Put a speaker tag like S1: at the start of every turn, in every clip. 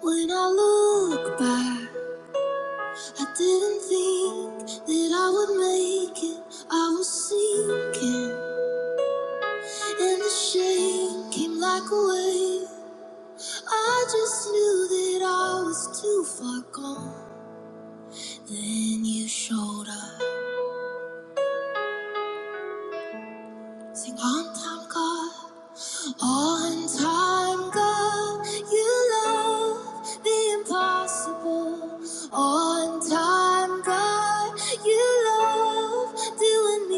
S1: When I look back, I didn't think that I would make it. I was sinking, and the shame came like a wave. I just knew that I was too far gone. Then you showed up. Sing on time, God. On time, God, you love the impossible. On time, God, you love doing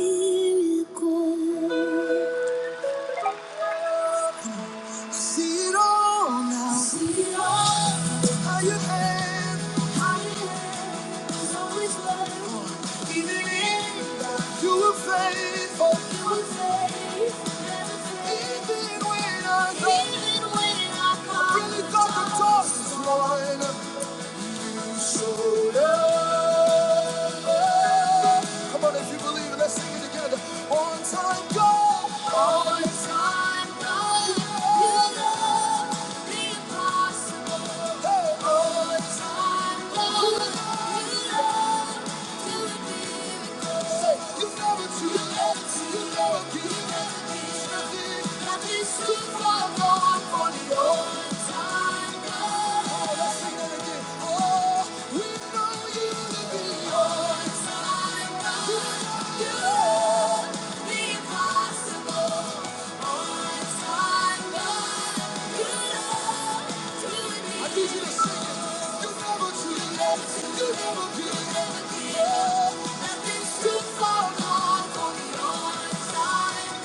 S1: miracles. See it all now. See it all. How you hand. How you hand is always working. Even in doubt, you were faithful. You were faithful. Never failed. Even when I thought. Even when I thought. I really thought the toss was mine. So love. Come on, if you believe it, let's sing it together. One time, go. One time, go. You love. Impossible on time, but when nothing's time,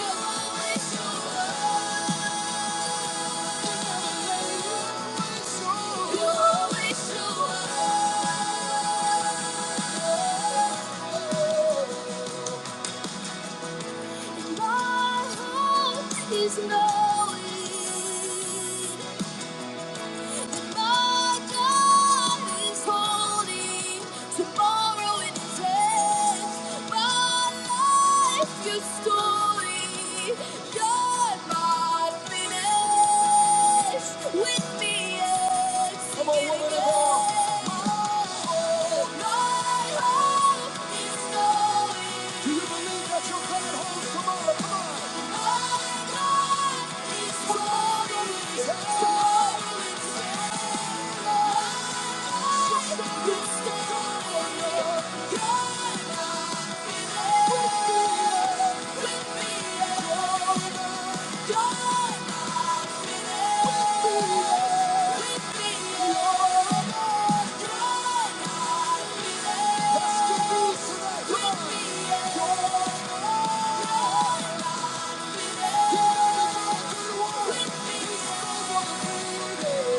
S1: always show Is knowing my God is holding tomorrow in his hands. My life, your story, you're not with me yet. Come on, woman of God. My hope is knowing. With me,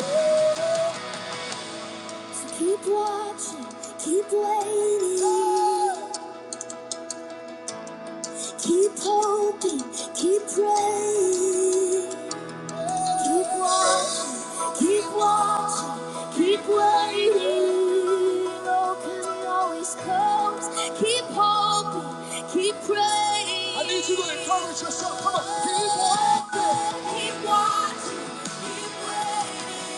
S1: Yeah. Keep watching, keep waiting, oh. keep hoping, keep praying. Keep watching, keep watching, keep waiting. Broken always comes. Keep hoping, keep praying. I need you to encourage yourself. Come on, keep watching, keep watching, keep waiting.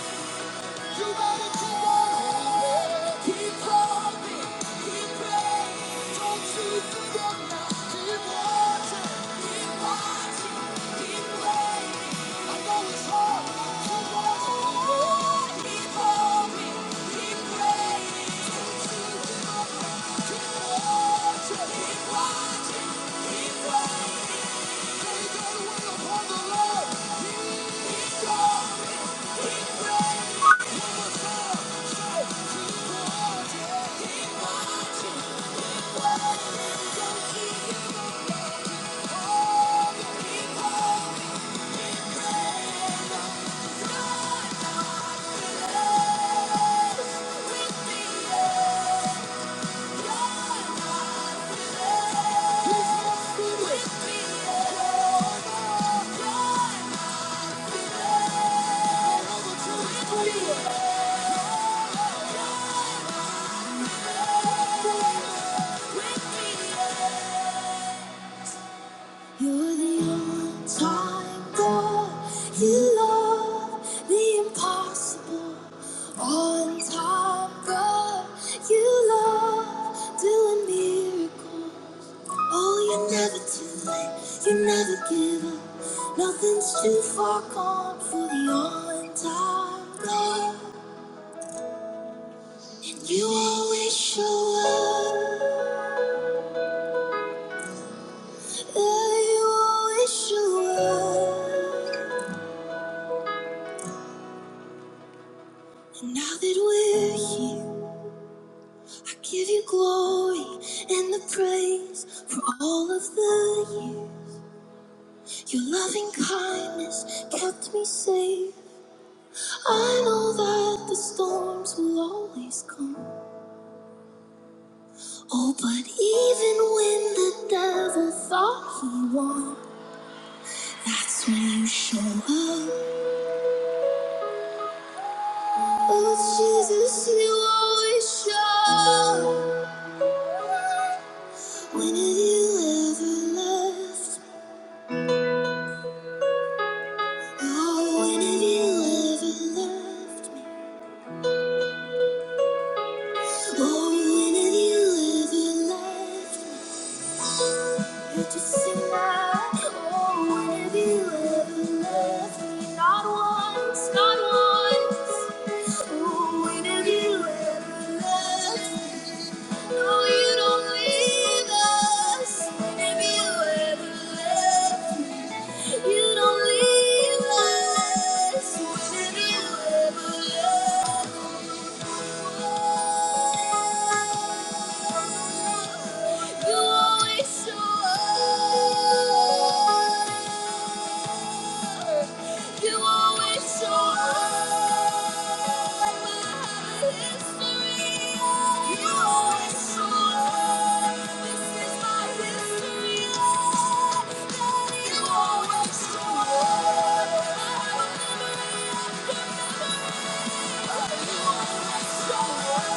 S1: You got keep on keep praying. Don't give up now. Keep watching, keep waiting. I know it's hard. Keep on hoping, keep hoping, keep praying. Don't give up Keep watching, keep waiting. Lay that upon the Lord. Keep, keep going, keep praying. You're the all-time God. You love the impossible. On time God, you love doing miracles. Oh, you're never too late. You never give up. Nothing's too far gone for the on-time And you always show up. Yeah, you always show up. And now that we're here, I give you glory and the praise for all of the years. Your loving kindness kept me safe. I know that the storms will always come. Oh, but even when the devil thought he won, that's when you show up. Oh, Jesus, you always show up. When have you ever left? me? Oh, when have you ever left? me? Oh, when have you ever left? me? Could you see my oh, when have you ever loved me? Not once, not once. Oh, when have you ever loved me? No, you don't leave us. When have you ever left me? You don't leave us. When have you ever loved me? You always show up. You always show up. You always show up. This is my history. you always show up. You always show up. You always show up.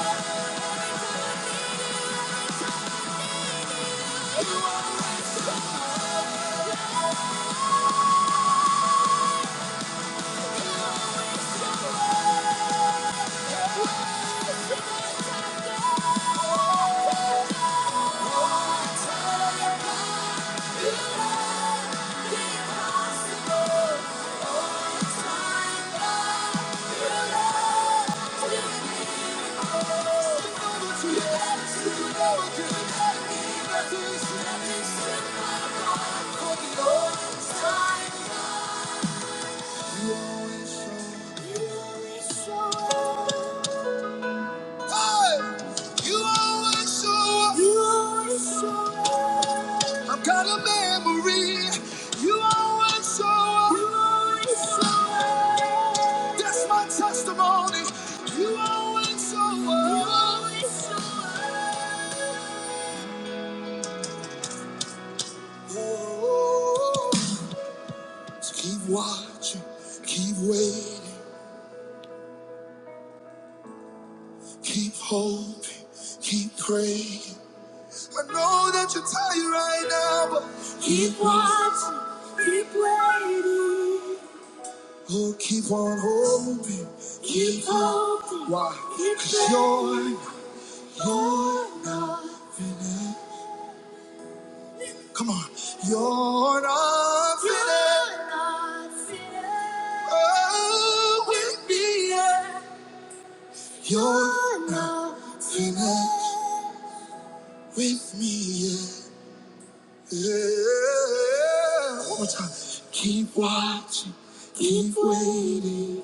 S1: The impossible. You always show. up. Hey! You always show up. You always show up. I've got a memory. You always show up. You always show up. That's my testimony. You always show up. You always show up. Oh, so keep watching, keep waiting, keep hoping, keep praying. I know that you're tired right now, but keep watching, keep waiting. Oh, keep on hoping, keep, keep hoping. Why? Keep 'Cause you're, you're not. Come on. You're not finished. Oh, with me yet. You're not finished with me yet. Yeah. One more time. Keep watching. Keep Keep waiting.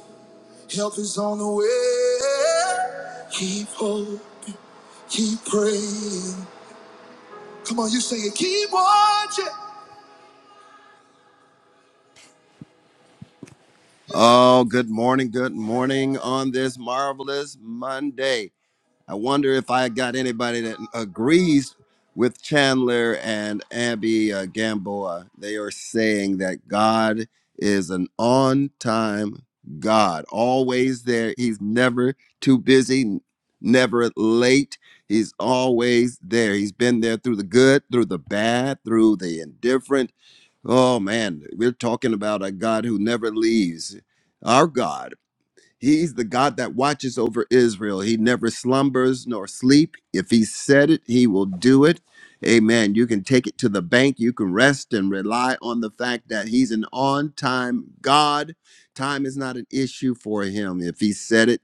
S1: Help is on the way. Keep hope. Keep praying. Come on, you sing it. Keep watching. Oh, good morning. Good morning on this marvelous Monday. I wonder if I got anybody that agrees with Chandler and Abby uh, Gamboa. They are saying that God is an on time God, always there. He's never too busy, never late. He's always there. He's been there through the good, through the bad, through the indifferent Oh man, we're talking about a God who never leaves. Our God, He's the God that watches over Israel. He never slumbers nor sleep. If He said it, He will do it. Amen. You can take it to the bank. You can rest and rely on the fact that He's an on time God. Time is not an issue for Him. If He said it,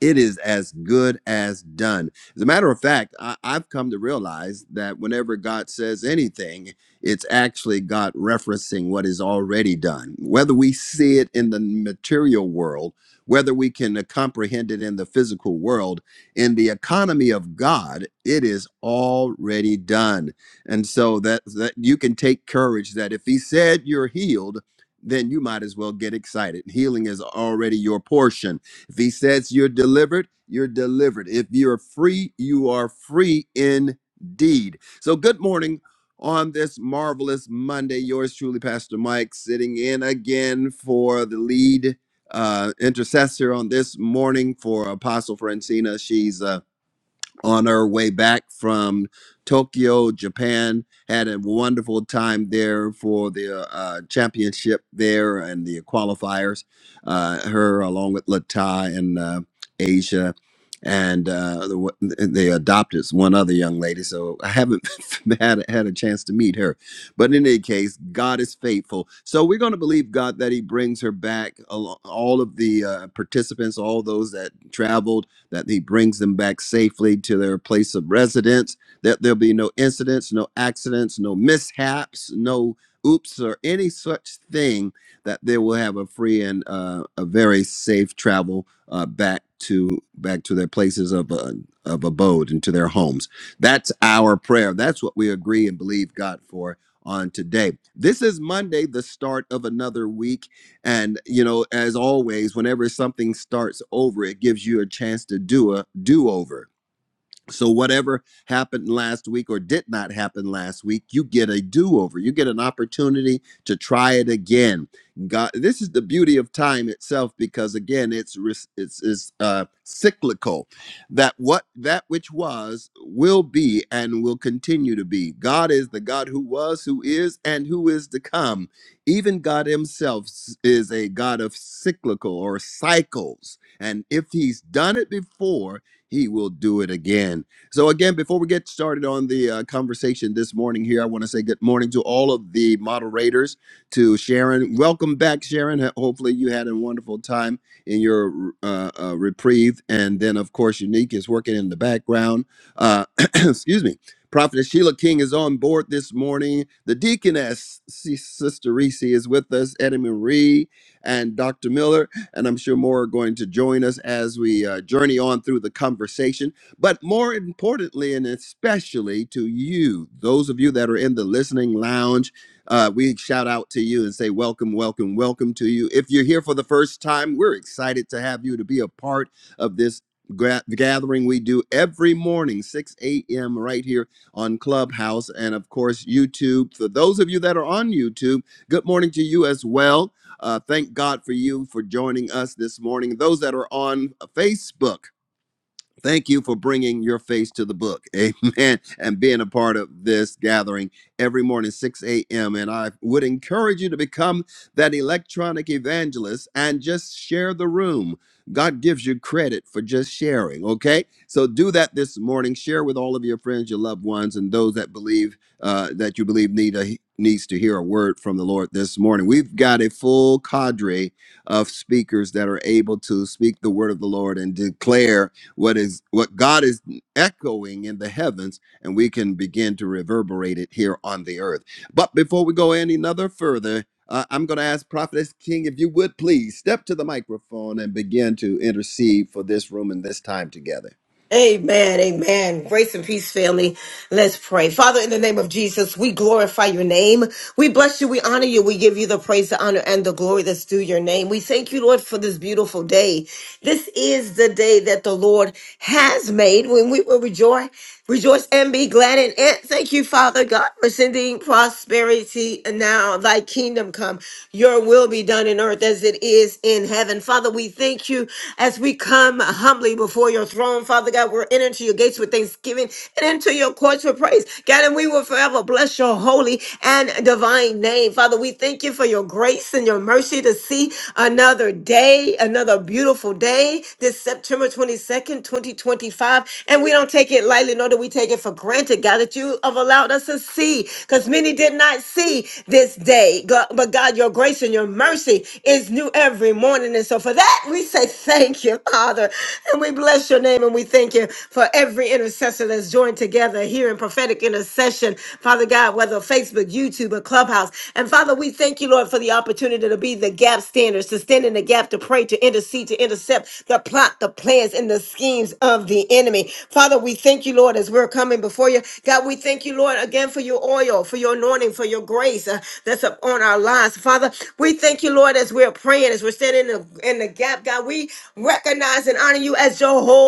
S1: it is as good as done. As a matter of fact, I, I've come to realize that whenever God says anything, it's actually God referencing what is already done. Whether we see it in the material world, whether we can comprehend it in the physical world, in the economy of God, it is already done. And so that, that you can take courage that if He said you're healed, then you might as well get excited. Healing is already your portion if he says you're delivered, you're delivered. If you're free, you are free indeed. So, good morning on this marvelous Monday. Yours truly, Pastor Mike, sitting in again for the lead uh, intercessor on this morning for Apostle Francina. She's uh, on our way back from Tokyo, Japan. Had a wonderful time there for the uh, uh, championship there and the qualifiers. Uh, her along with Latai and uh, Asia. And uh, the, wa- they adopted one other young lady, so I haven't had had a chance to meet her. But in any case, God is faithful, so we're going to believe God that He brings her back. al- All of the uh, participants, all those that traveled that he brings them back safely to their place of residence, that there'll be no incidents, no accidents, no mishaps, no oops, or any such thing, that they will have a free and uh, a very safe travel uh, back to back to their places of uh, of abode and to their homes. That's our prayer. That's what we agree and believe God for on today. This is Monday, the start of another week. And you know, as always, whenever something starts over, it gives you a chance to do a do over. So, whatever happened last week or did not happen last week, you get a do over. You get an opportunity to try it again. God, this is the beauty of time itself because, again, it's ris- it's, it's uh, cyclical. That what that which was will be and will continue to be. God is the God who was, who is, and who is to come. Even God Himself s- is a God of cyclical or cycles. And if He's done it before, he will do it again. So, again, before we get started on the uh, conversation this morning here, I want to say good morning to all of the moderators, to Sharon. Welcome back, Sharon. Ho- Hopefully, you had a wonderful time in your uh, uh, reprieve. And then, of course, Unique is working in the background. Uh, excuse me. Prophet Sheila King is on board this morning. The deaconess, S- Sister Reese, is with us. Eddie Marie and Dr. Miller and I'm sure more are going to join us as we uh, journey on through the conversation. But more importantly, and especially to you, those of you that are in the listening lounge, uh, we shout out to you and say, Welcome, welcome, welcome to you. If you're here for the first time, we're excited to have you to be a part of this. gra- Gathering we do every morning, 6 a.m., right here on Clubhouse and, of course, YouTube. For those of you that are on YouTube, good morning to you as well. Uh, thank God for you for joining us this morning. Those that are on Facebook, Thank you for bringing your face to the book. Amen. And being a part of this gathering every morning, 6 a.m. And I would encourage you to become that electronic evangelist and just share the room. God gives you credit for just sharing, okay? So do that this morning. Share with all of your friends, your loved ones, and those that believe uh, that you believe need a needs to hear a word from the Lord this morning. We've got a full cadre of speakers that are able to speak the word of the Lord and declare what is what God is echoing in the heavens, and we can begin to reverberate it here on the earth. But before we go any nother further, uh, I'm going to ask Prophetess King if you would please step to the microphone and begin to intercede for this room and this time together.
S2: Amen, amen. Grace and peace, family. Let's pray. Father, in the name of Jesus, we glorify your name. We bless you. We honor you. We give you the praise, the honor, and the glory that's due your name. We thank you, Lord, for this beautiful day. This is the day that the Lord has made when we will rejoice Rejoice and be glad in it. Thank you, Father God, for sending prosperity now. Thy kingdom come, your will be done in earth as it is in heaven. Father, we thank you as we come humbly before your throne. Father God, we're entering to your gates with thanksgiving and into your courts with praise. God, and we will forever bless your holy and divine name. Father, we thank you for your grace and your mercy to see another day, another beautiful day, this September 22nd, 2025. And we don't take take it lightly, nor do we take it for granted, God, that you have allowed us to see, because many did not see this day. God- But God, your grace and your mercy is new every morning. And so for that, we say thank you, Father. And we bless your name and we thank you for every intercessor that's joined together here in prophetic intercession, Father God, whether Facebook, YouTube, or Clubhouse. And Father, we thank you, Lord, for the opportunity to be the gap standers, to stand in the gap, to pray, to intercede, to intercept the plot, the plans, and the schemes of the enemy. Father, we thank you, Lord, as we're coming before you. God, we thank you, Lord, again for your oil, for your anointing, for your grace uh, that's upon our lives. Father, we thank you, Lord, as we're praying, as we're standing in the, in the gap. God, we recognize and honor you as Jehovah.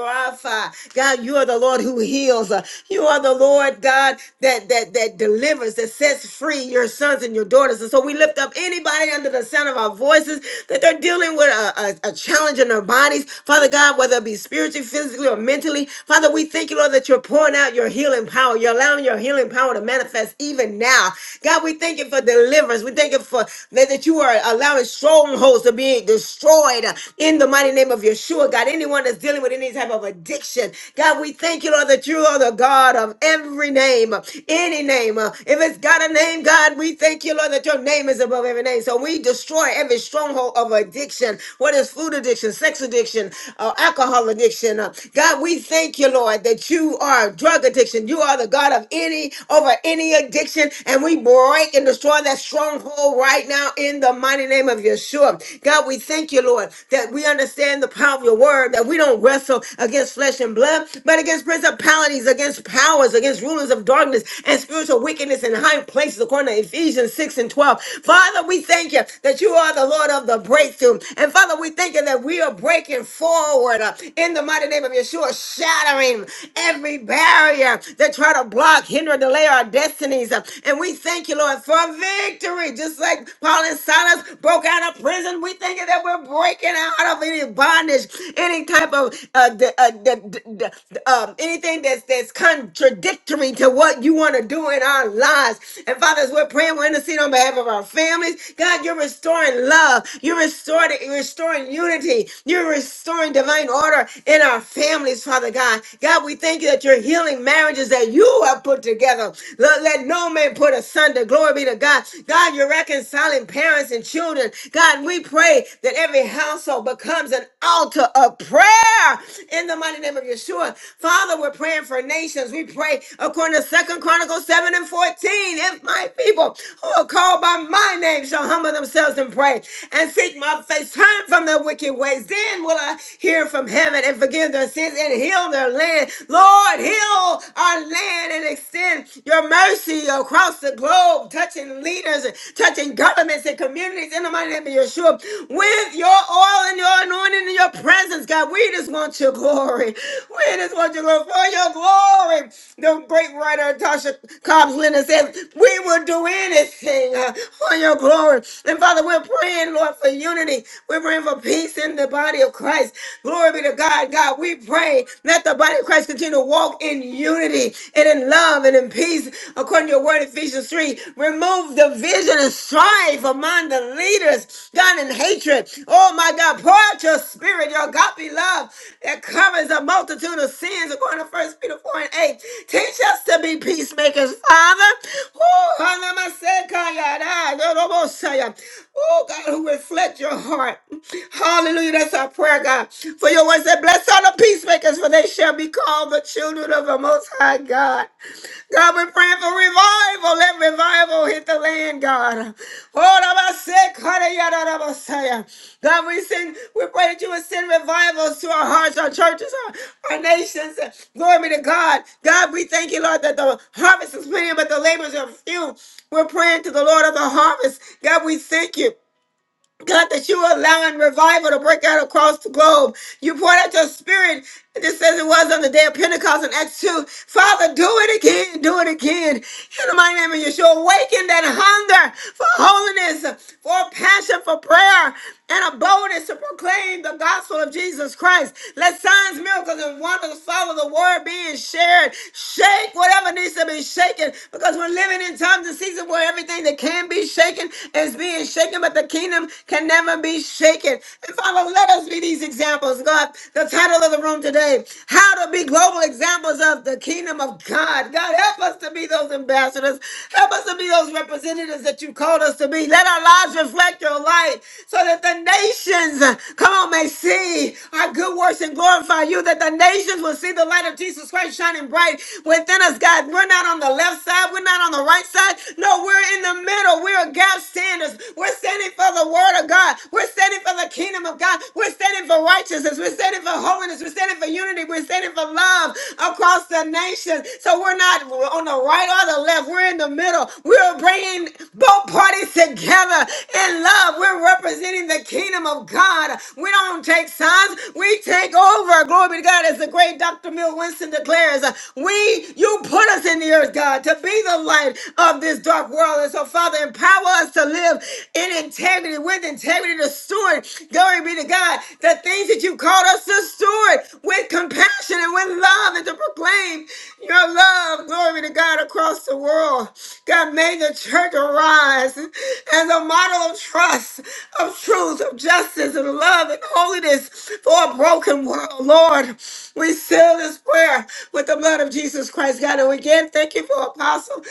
S2: Rapha. God, you are the Lord who heals. Uh, You are the Lord, God, that that that delivers, that sets free your sons and your daughters. And so we lift up anybody under the sound of our voices that they're dealing with a, a, a challenge in their bodies. Father God, whether it be spiritually, physically, or mentally, Father, we thank you, Lord, that you're pouring out your healing power. You're allowing your healing power to manifest even now. God, we thank you for deliverance. We thank you for that, that you are allowing strongholds to be destroyed in in the mighty name of Yeshua, God. Anyone that's dealing with any type of addiction, God, we thank you, Lord, that you are the God of every name, any name. Uh, If it's got a name, God, we thank you, Lord, that your name is above every name. So we destroy every stronghold of addiction, whether it's food addiction, sex addiction, uh, alcohol addiction. Uh, God, we thank you, Lord, that you are drug addiction. You are the God of any, over any addiction. And we break and destroy that stronghold right now in the mighty name of name of Yeshua. God, we thank you, Lord, that we understand the power of your word, that we don't wrestle against flesh and blood, but against principalities, against powers, against rulers of darkness and spiritual wickedness in high places, according to Ephesians 6 and 12. Father, we thank you that you are the Lord of the breakthrough. And Father, we thank you that we are breaking forward uh, in the mighty name of Yeshua, shattering every barrier that try to block, hinder, delay our destinies. Uh, And we thank you, Lord, for victory victory. Just like Paul and Silas broke out of prison, we thinking that we're breaking out of any bondage, any type of uh, d- uh, d- d- d- um, anything that's that's contradictory to what you want to do in our lives. And Father, as we're praying, we're interceding on behalf of our families. God, you're restoring love. You're restoring, you're restoring unity. You're restoring divine order in our families, Father God. God, we thank you that you're healing marriages that you have put together. Let, let no man put asunder. Glory be to God. God, you're reconciling parents and children. God, we pray that every household becomes an altar of prayer in the mighty name of Yeshua. Father, we're praying for nations. We pray according to Second Chronicles 7 and 14. If my people who are called by my name shall humble themselves and pray and seek my face, turn from their wicked ways, then will I hear from heaven and forgive their sins and heal their land. Lord, Lord, heal our land and extend your mercy across the globe, touching leaders, and touching governments and communities in the mighty name of Yeshua. With your oil and your anointing and your presence, God, we just want your glory. We just want your glory for your glory. The great writer Tasha Cobbs Leonard said, We will do anything uh, for your glory. And Father, we're praying, Lord, for unity. We're praying for peace in the body of Christ. Glory be to God. God, God, we pray. Let the body of Christ continue to walk in unity and in love and in peace, according to your word, Ephesians 3. Remove division and strife among the leaders, God, and hatred. Oh, my God, pour out your spirit, your God be love that covers a multitude of sins, according to First Peter 4 and 8. Teach us to be peacemakers, Father. Oh, hallelujah. Oh God, who reflect your heart. Hallelujah. That's our prayer, God. For your words that bless all the peacemakers, for they shall be called the children of the most high God. God, we're praying for revival. Let revival hit the land, God. God, we send, we pray that you would send revivals to our hearts, our churches, our, our nations. Glory be to God. God, we thank you, Lord, that the harvest is plenty, but the labors are few. We're praying to the Lord of the harvest. God, we thank you. God, that you are allowing revival to break out across the globe. You poured out your spirit, just as it was on the day of Pentecost in Acts 2. Father, do it again, do it again. In the mighty name of Yeshua, awaken that hunger for holiness, for passion, for prayer and a boldness to proclaim the gospel of Jesus Christ. Let signs, miracles, and wonders follow the word being shared. Shake whatever needs to be shaken because we're living in times and seasons where everything that can be shaken is being shaken, but the kingdom can never be shaken. And Father, let us be these examples, God. The title of the room today, How to Be Global Examples of the Kingdom of God. God, help us to be those ambassadors. Help us to be those representatives that you called us to be. Let our lives reflect your light light so that the nations, uh, come on, may see our good works and glorify you, that the nations will see the light of Jesus Christ shining bright within us, God. We're not on the left side, we're not on the right side. No, we're in the middle. We're gap standers. We're standing for the word of God. We're standing for the kingdom of God. We're standing for righteousness. We're standing for holiness. We're standing for unity. We're standing for love across the nation. So we're not on the right or the left. We're in the middle. We're bringing both parties together in love. We're representing the kingdom of God. We don't take signs, we take over. Glory be to God, as the great Dr. Mill Winston declares. uh, We, you put us in the earth, God, to be the light of this dark world. And so, Father, empower us to live in integrity, with integrity to steward. Glory be to God, the things that you called us to steward with compassion and with love and to proclaim your love. Glory be to God across the world. God, may the church arise as as a model of trust, of truth, of justice, and love and holiness for a broken world. Lord, we seal this prayer with the blood of Jesus Christ, God. And again, thank you for Apostle.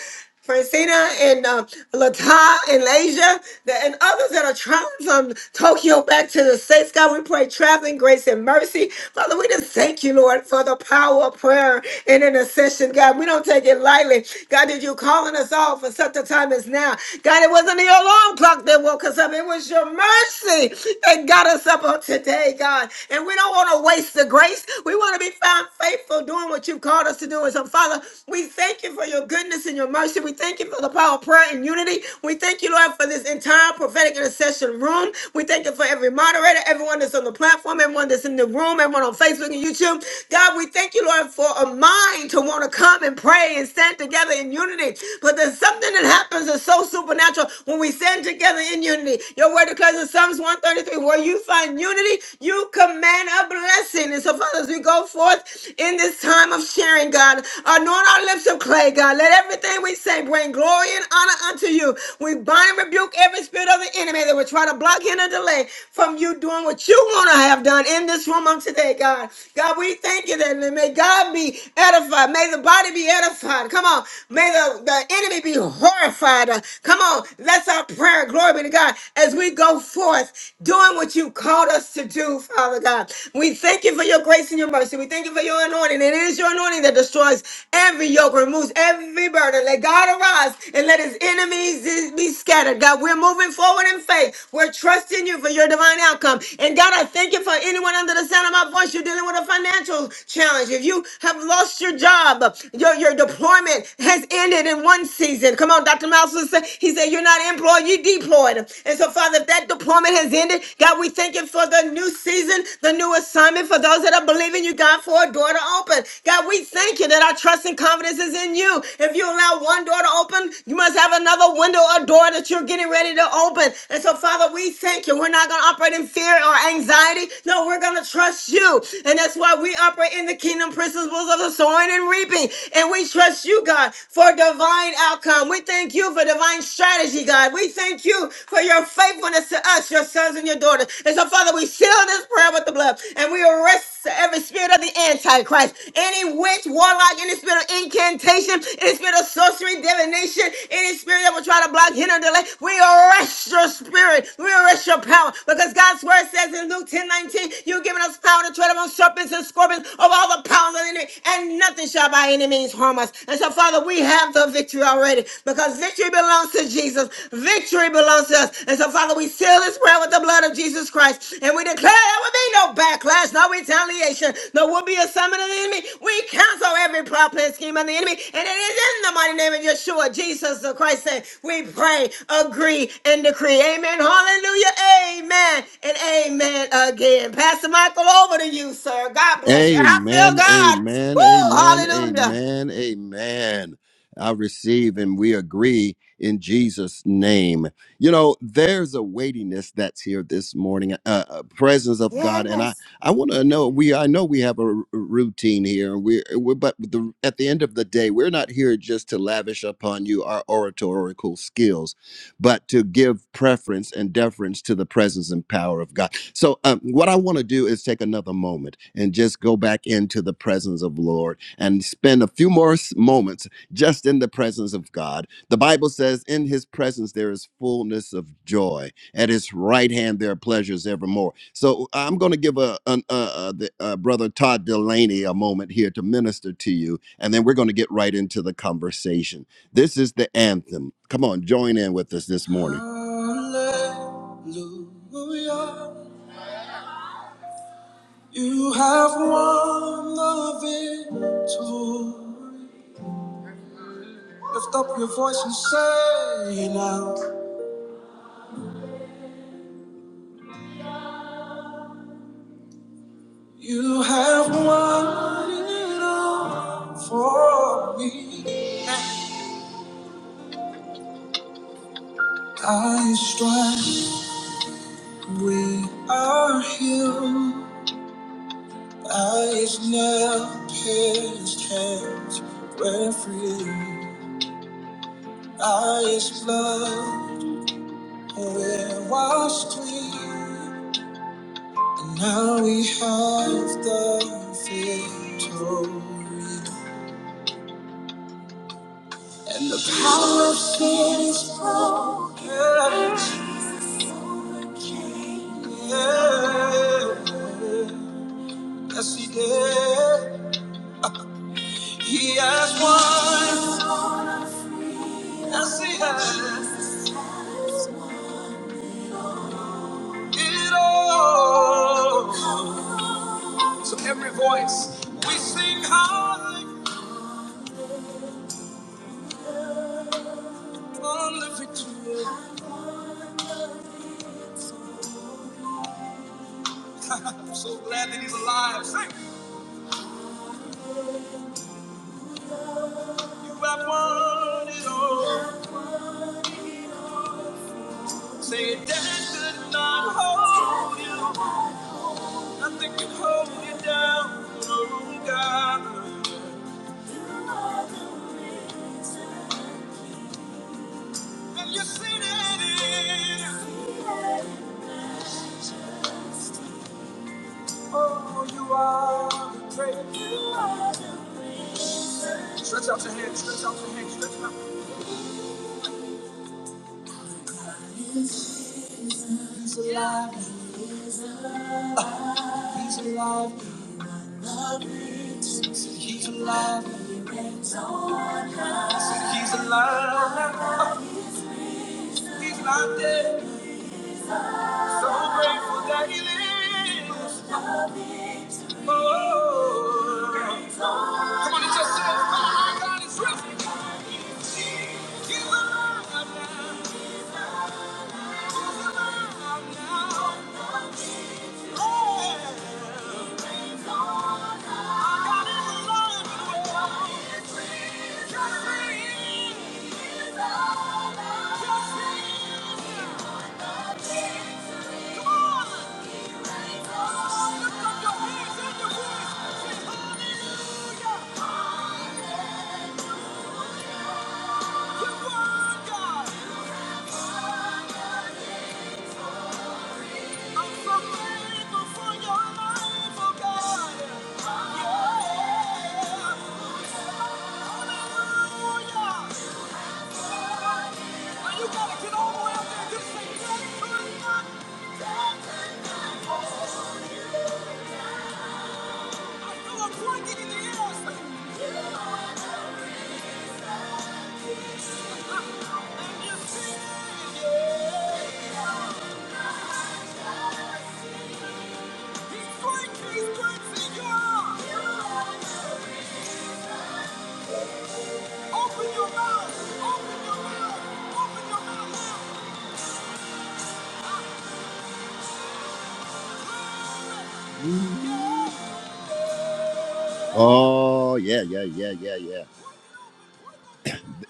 S2: Francina and uh, Lata and Asia that, and others that are traveling from Tokyo back to the States. God, we pray traveling grace and mercy. Father, we just thank you, Lord, for the power of prayer and intercession. God, we don't take it lightly. God, that you're calling us all for such a time as now. God, it wasn't the alarm clock that woke us up. It was your mercy that got us up on today, God. And we don't want to waste the grace. We want to be found faithful doing what you've called us to do. And so, Father, we thank you for your goodness and your mercy. We thank you for the power of prayer and unity. We thank you, Lord, for this entire prophetic intercession room. We thank you for every moderator, everyone that's on the platform, everyone that's in the room, everyone on Facebook and YouTube. God, we thank you, Lord, for a mind to want to come and pray and stand together in unity. But there's something that happens is so supernatural. When we stand together in unity, your word declares in Psalms 133, where you find unity, you command a blessing. And so, Father, as we go forth in this time of sharing, God, anoint our lips of clay, God. Let everything we say bring glory and honor unto you. We bind and rebuke every spirit of the enemy that would try to block in or delay from you doing what you want to have done in this room on today, God. God, we thank you that may God be edified. May the body be edified. Come on. May the, the enemy be horrified. Uh, Come on, that's our prayer. Glory be to God. As we go forth doing what you called us to do, Father God, we thank you for your grace and your mercy. We thank you for your anointing. and It is your anointing that destroys every yoke, removes every burden. Let God arise and let his enemies be scattered. God, we're moving forward in faith. We're trusting you for your divine outcome. And God, I thank you for anyone under the sound of my voice. You're dealing with a financial challenge. If you have lost your job, your, your deployment has ended in one one season. Come on, Dr. Mouse said, He said, You're not employed, you deployed. And so, Father, if that deployment has ended, God, we thank you for the new season, the new assignment for those that are believing you, God, for a door to open. God, we thank you that our trust and confidence is in you. If you allow one door to open, you must have another window or door that you're getting ready to open. And so, Father, we thank you. We're not going to operate in fear or anxiety. No, we're going to trust you. And that's why we operate in the kingdom principles of the sowing and reaping. And we trust you, God for divine outcome. We thank you for divine strategy, God. We thank you for your faithfulness to us, your sons and your daughters. And so, Father, we seal this prayer with the blood and we arrest every spirit of the Antichrist, any witch, warlock, any spirit of incantation, any spirit of sorcery, divination, any spirit that will try to block, hinder, delay. We arrest your spirit. We arrest your power because God's word says in Luke ten nineteen, you've given us power to tread upon serpents and scorpions of all the powers of the enemy, and nothing shall by any means harm us. And so, Father, we have the victory already because victory belongs to Jesus. Victory belongs to us. And so, Father, we seal this prayer with the blood of Jesus Christ. And we declare there will be no backlash, no retaliation, no will be a summon of the enemy. We cancel every plot, and scheme of the enemy. And it is in the mighty name of Yeshua, Jesus the Christ, that we pray, agree, and decree. Amen. Hallelujah. Amen. And amen again. Pastor Michael, over to you, sir. God bless you. I feel
S1: Amen,
S2: God.
S1: amen, amen,
S2: Woo! Hallelujah.
S1: amen, amen. I receive and we agree in Jesus' name. You know, there's a weightiness that's here this morning, a, a presence of God, and I
S2: Yes.
S1: I want to know we I know we have a r- routine here, and we we're, but the, at the end of the day, we're not here just to lavish upon you our oratorical skills, but to give preference and deference to the presence and power of God. So, um, what I want to do is take another moment and just go back into the presence of the Lord and spend a few more s- moments just in the presence of God. The Bible says, "In His presence there is fullness of joy; at His right hand there are pleasures evermore." So, I'm going to give a, an uh uh the, uh, brother Todd Delaney a moment here to minister to you, and then we're going to get right into the conversation. This is the anthem. Come on, join in with us this morning. Hallelujah. You have won the victory. Lift up your voice and say it out. You have won it all for me. By His stripes we are healed. Eyes now pierced, hands were free. Eyes blood will washed clean. And Now we have the victory. Yeah, yeah. Yes, he did. He has won. Yes, he has it all. So every voice we sing high on the victory. I'm so glad that he's alive. Sing. You have won it all. Say it, death could not hold you. Nothing can hold you down. Oh God. And you see that it. Oh, you are the great. Stretch out your hands. Stretch out your hands. Stretch out. See, he's alive Oh, he's not dead. So grateful that he lives. Oh. Come on, it's yourself. Come on, our God is risen. He's alive now. Thank you. He's great, he's great, see ya! Oh yeah, yeah, yeah, yeah, yeah.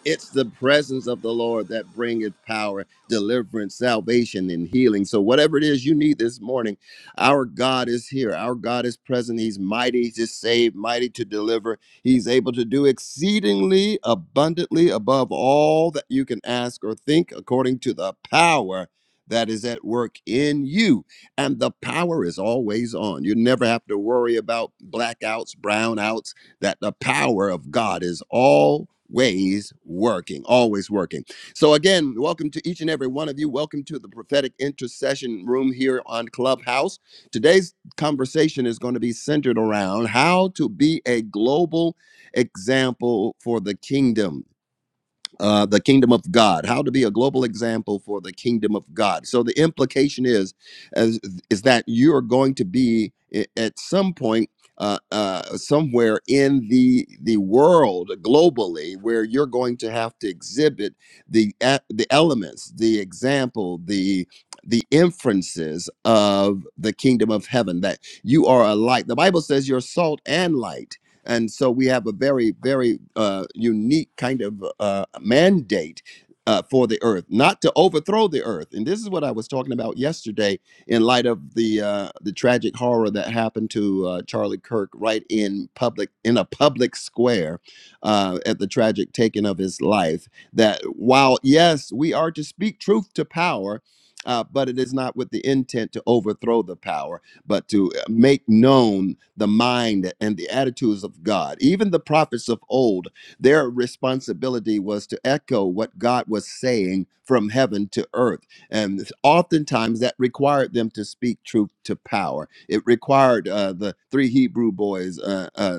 S1: It's the presence of the Lord that bringeth power, deliverance, salvation, and healing. So, whatever it is you need this morning, our God is here. Our God is present. He's mighty to save, mighty to deliver. He's able to do exceedingly abundantly above all that you can ask or think, according to the power that is at work in you. And the power is always on. You never have to worry about blackouts, brownouts that the power of God is always working, always working. So, again, welcome to each and every one of you. Welcome to the prophetic intercession room here on Clubhouse. Today's conversation is going to be centered around how to be a global example for the kingdom uh, the kingdom of God, how to be a global example for the kingdom of God. So the implication is, is, is that you are going to be i- at some point. Uh, uh, somewhere in the the world globally, where you're going to have to exhibit the e- the elements, the example, the the inferences of the kingdom of heaven. That you are a light. The Bible says you're salt and light and so we have a very, very uh, unique kind of uh, mandate uh, for the earth, not to overthrow the earth. And this is what I was talking about yesterday in light of the uh, the tragic horror that happened to uh, Charlie Kirk right in public in a public square uh, at the tragic taking of his life. That while yes, we are to speak truth to power. Uh, but it is not with the intent to overthrow the power but to make known the mind and the attitudes of God. Even the prophets of old, their responsibility was to echo what God was saying from heaven to earth. And oftentimes that required them to speak truth to power. It required uh, the three Hebrew boys. Uh, uh,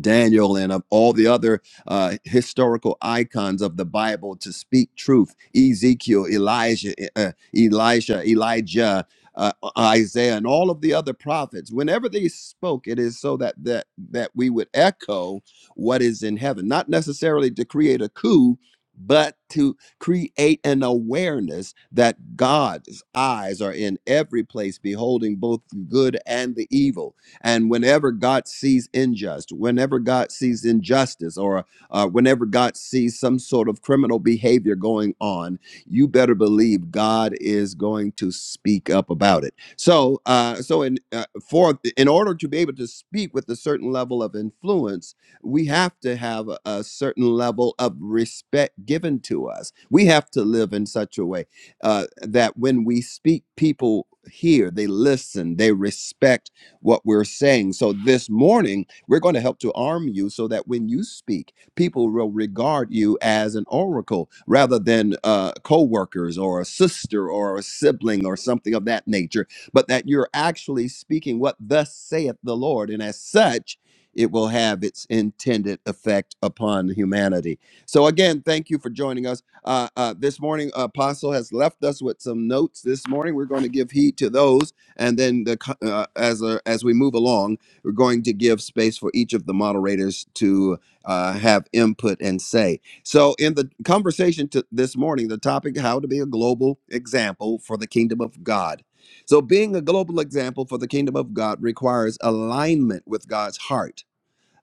S1: Daniel and of all the other uh, historical icons of the Bible to speak truth. Ezekiel, Elijah, eh, uh, Elisha, Elijah, uh, uh, Isaiah, and all of the other prophets. Whenever they spoke, it is so that that that we would echo what is in heaven, not necessarily to create a coup. But to create an awareness that God's eyes are in every place, beholding both the good and the evil and whenever God sees unjust, whenever God sees injustice, or uh, whenever God sees some sort of criminal behavior going on, you better believe God is going to speak up about it. So, uh, so in uh, for in order to be able to speak with a certain level of influence, we have to have a, a certain level of respect given to us. We have to live in such a way uh, that when we speak, people hear, they listen, they respect what we're saying. So this morning, we're going to help to arm you so that when you speak, people will regard you as an oracle rather than uh, co-workers or a sister or a sibling or something of that nature, but that you're actually speaking what thus saith the Lord. And as such, it will have its intended effect upon humanity. So again, thank you for joining us uh, uh, this morning. Apostle has left us with some notes this morning. We're going to give heed to those and then the uh, as a, as we move along, we're going to give space for each of the moderators to uh, have input and say. So, in the conversation to this morning, the topic: how to be a global example for the kingdom of God. So, being a global example for the kingdom of God requires alignment with God's heart,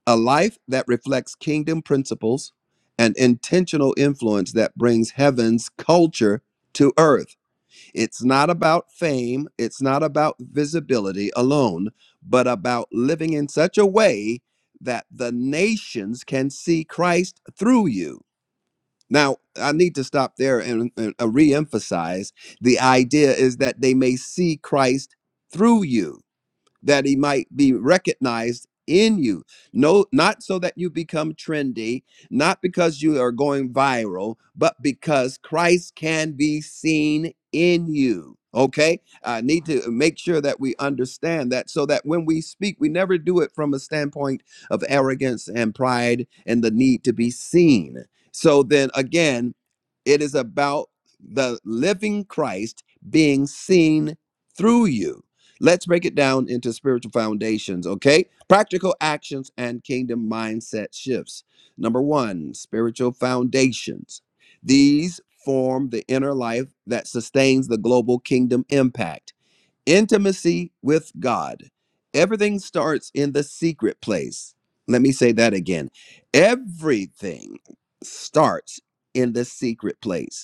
S1: a life that reflects kingdom principles, and intentional influence that brings heaven's culture to earth. It's not about fame, it's not about visibility alone, but about living in such a way that the nations can see Christ through you. Now, I need to stop there and, and uh, re-emphasize the idea is that they may see Christ through you that he might be recognized in you. No, not so that you become trendy, not because you are going viral, but because Christ can be seen in you. Okay, I need to make sure that we understand that so that when we speak, we never do it from a standpoint of arrogance and pride and the need to be seen. So then again, it is about the living Christ being seen through you. Let's break it down into spiritual foundations, okay? Practical actions and kingdom mindset shifts. Number one, spiritual foundations. These form the inner life that sustains the global kingdom impact. Intimacy with God. Everything starts in the secret place. Let me say that again. Everything starts in the secret place.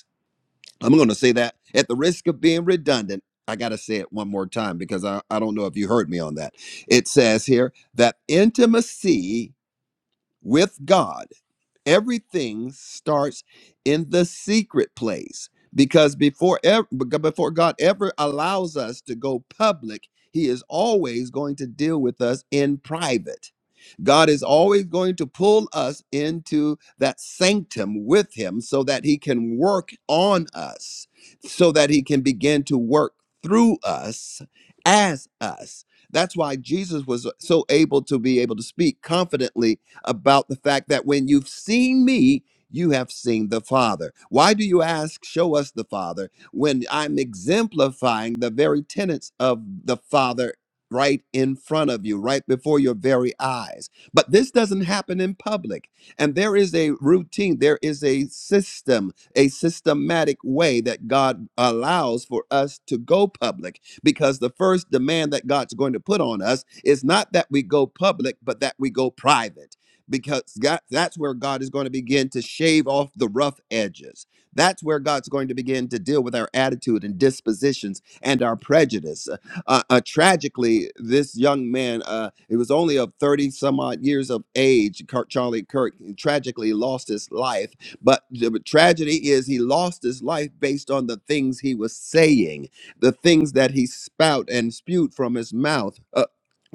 S1: I'm going to say that at the risk of being redundant. I got to say it one more time because I, I don't know if you heard me on that. It says here that intimacy with God everything starts in the secret place because before ever, before God ever allows us to go public, he is always going to deal with us in private. God is always going to pull us into that sanctum with him so that he can work on us, so that he can begin to work through us as us. That's why Jesus was so able to be able to speak confidently about the fact that when you've seen me, you have seen the Father. Why do you ask, show us the Father, when I'm exemplifying the very tenets of the Father right in front of you, right before your very eyes? But this doesn't happen in public. And there is a routine, there is a system, a systematic way that God allows for us to go public because the first demand that God's going to put on us is not that we go public, but that we go private because God, that's where God is going to begin to shave off the rough edges. That's where God's going to begin to deal with our attitude and dispositions and our prejudice. Uh, uh, uh, tragically, this young man, uh, it was only of 30 some odd years of age, Kirk, Charlie Kirk, tragically lost his life. But the tragedy is he lost his life based on the things he was saying, the things that he spout and spewed from his mouth. Uh,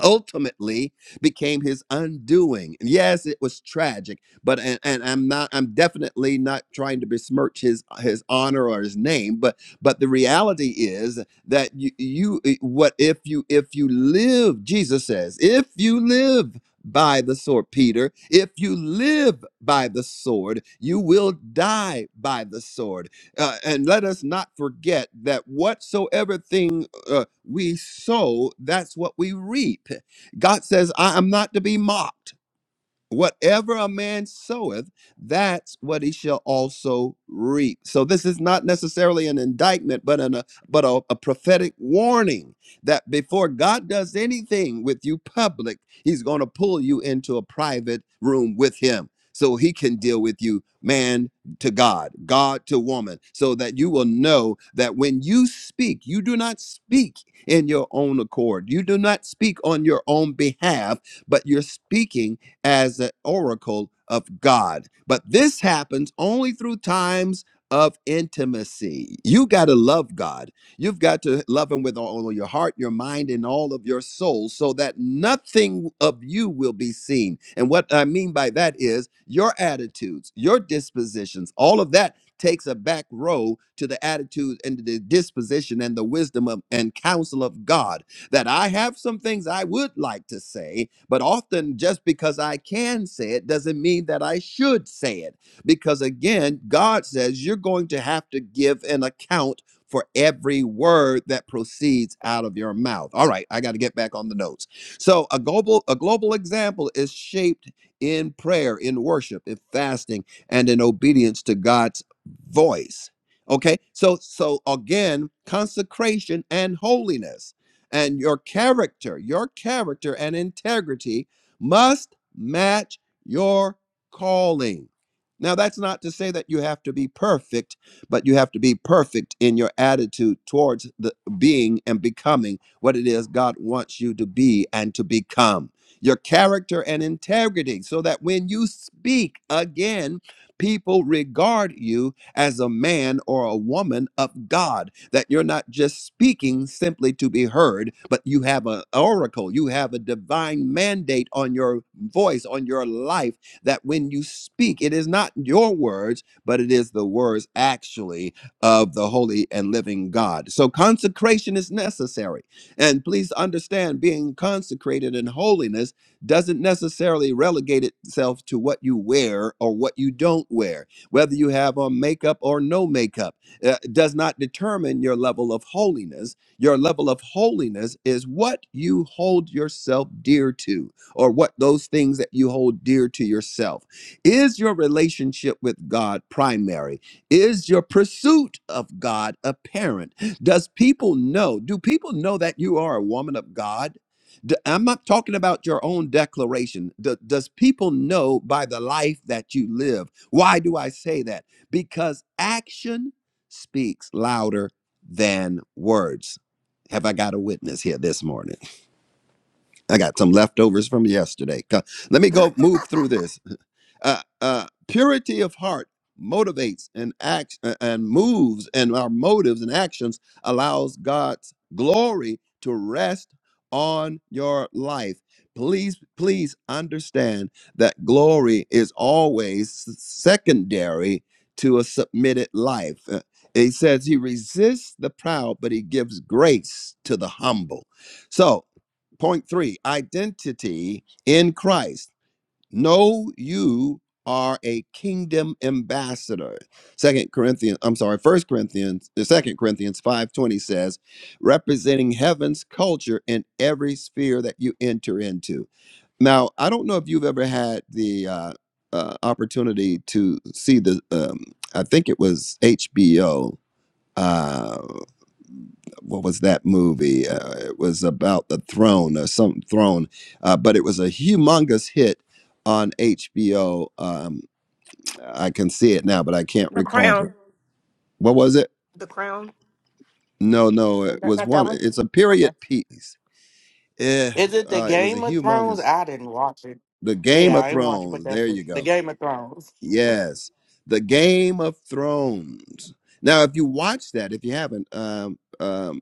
S1: ultimately, became his undoing. And yes, it was tragic, but and, and I'm not I'm definitely not trying to besmirch his his honor or his name, but but the reality is that you you eh, what if you if you live, Jesus says, if you live by the sword, Peter, if you live by the sword, you will die by the sword. Uh, and let us not forget that whatsoever thing uh, we sow, that's what we reap. God says, I am not to be mocked whatever a man soweth, that's what he shall also reap. So this is not necessarily an indictment, but an, a but a, a prophetic warning that before God does anything with you public, He's going to pull you into a private room with Him. So he can deal with you, man to God, God to woman, so that you will know that when you speak, you do not speak in your own accord. You do not speak on your own behalf, but you're speaking as an oracle of God. But this happens only through times of intimacy. You got to love God. You've got to love Him with all of your heart, your mind, and all of your soul so that nothing of you will be seen. And what I mean by that is your attitudes, your dispositions, all of that takes a back row to the attitude and the disposition and the wisdom of, and counsel of God that I have some things I would like to say, but often just because I can say it doesn't mean that I should say it. Because again, God says you're going to have to give an account for every word that proceeds out of your mouth. All right, I got to get back on the notes. So, a global a global example is shaped in prayer, in worship, in fasting, and in obedience to God's voice. Okay? So so again, consecration and holiness and your character, your character and integrity must match your calling. Now, that's not to say that you have to be perfect, but you have to be perfect in your attitude towards the being and becoming what it is God wants you to be and to become. Your character and integrity, so that when you speak again, people regard you as a man or a woman of God, that you're not just speaking simply to be heard, but you have an oracle, you have a divine mandate on your voice, on your life, that when you speak, it is not your words, but it is the words actually of the holy and living God. So consecration is necessary. And please understand, being consecrated in holiness doesn't necessarily relegate itself to what you wear or what you don't wear whether you have on makeup or no makeup uh, does not determine your level of holiness. Your level of holiness is what you hold yourself dear to, or what those things that you hold dear to yourself. Is your relationship with God primary? Is your pursuit of God apparent? Does people know? Do people know that you are a woman of God? D- I'm not talking about your own declaration. D- does people know by the life that you live? Why do I say that? Because action speaks louder than words. Have I got a witness here this morning? I got some leftovers from yesterday. Co- Let me go move through this uh, uh, purity of heart motivates and acts uh, and moves and our motives and actions allows god's glory to rest on your life please please understand that glory is always s- secondary to a submitted life Uh, he says he resists the proud but he gives grace to the humble so point three identity in christ no, you are a kingdom ambassador. Second Corinthians, I'm sorry, First Corinthians, the Second Corinthians 5:20 says, representing heaven's culture in every sphere that you enter into. Now, I don't know if you've ever had the uh, uh, opportunity to see the, um, I think it was HBO what was that movie? Uh, it was about the throne or some throne, uh, but it was a humongous hit on HBO. Um, I can see it now, but I can't recall
S2: Crown.
S1: the. What was it?
S2: The crown.
S1: No, no, it was one. It's a period piece. Eh,
S3: Is it the
S1: uh, it was a
S3: Game of Thrones?
S1: humongous.
S3: I didn't watch it.
S1: The Game
S3: Yeah,
S1: of
S3: I ain't watch it, but
S1: Thrones. There
S3: that's it.
S1: you
S3: The
S1: go.
S3: Game of Thrones.
S1: Yes, the Game of Thrones. Now, if you watch that, if you haven't, um, um,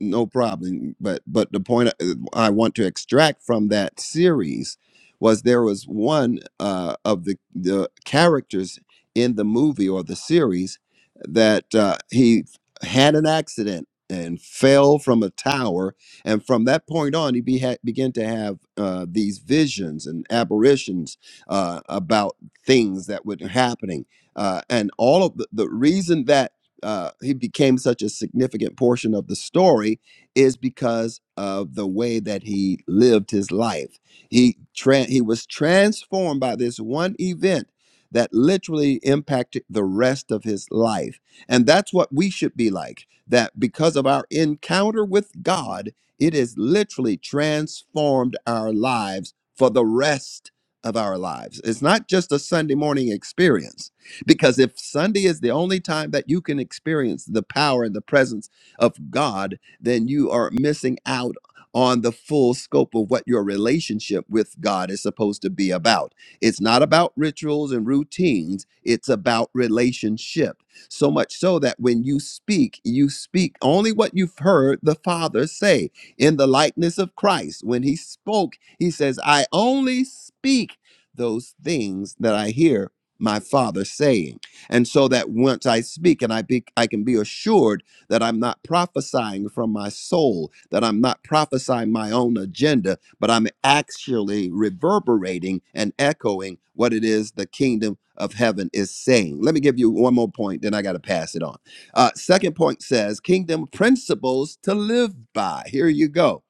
S1: no problem. But but the point I I want to extract from that series was there was one uh, of the the characters in the movie or the series that uh, he had an accident and fell from a tower and from that point on he be, began to have uh, these visions and apparitions uh, about things that were happening. Uh, and all of the, the reason that uh, he became such a significant portion of the story is because of the way that he lived his life. He tran he was transformed by this one event that literally impacted the rest of his life. And that's what we should be like. That because of our encounter with God, it has literally transformed our lives for the rest of our lives. It's not just a Sunday morning experience, because if Sunday is the only time that you can experience the power and the presence of God, then you are missing out on the full scope of what your relationship with God is supposed to be about. It's not about rituals and routines, it's about relationship. So much so that when you speak, you speak only what you've heard the Father say in the likeness of Christ. When he spoke, he says, I only speak those things that I hear my father saying. And so that once I speak and I be, I can be assured that I'm not prophesying from my soul, that I'm not prophesying my own agenda, but I'm actually reverberating and echoing what it is the kingdom of heaven is saying. Let me give you one more point, then I got to pass it on. Uh, second point says kingdom principles to live by. Here you go.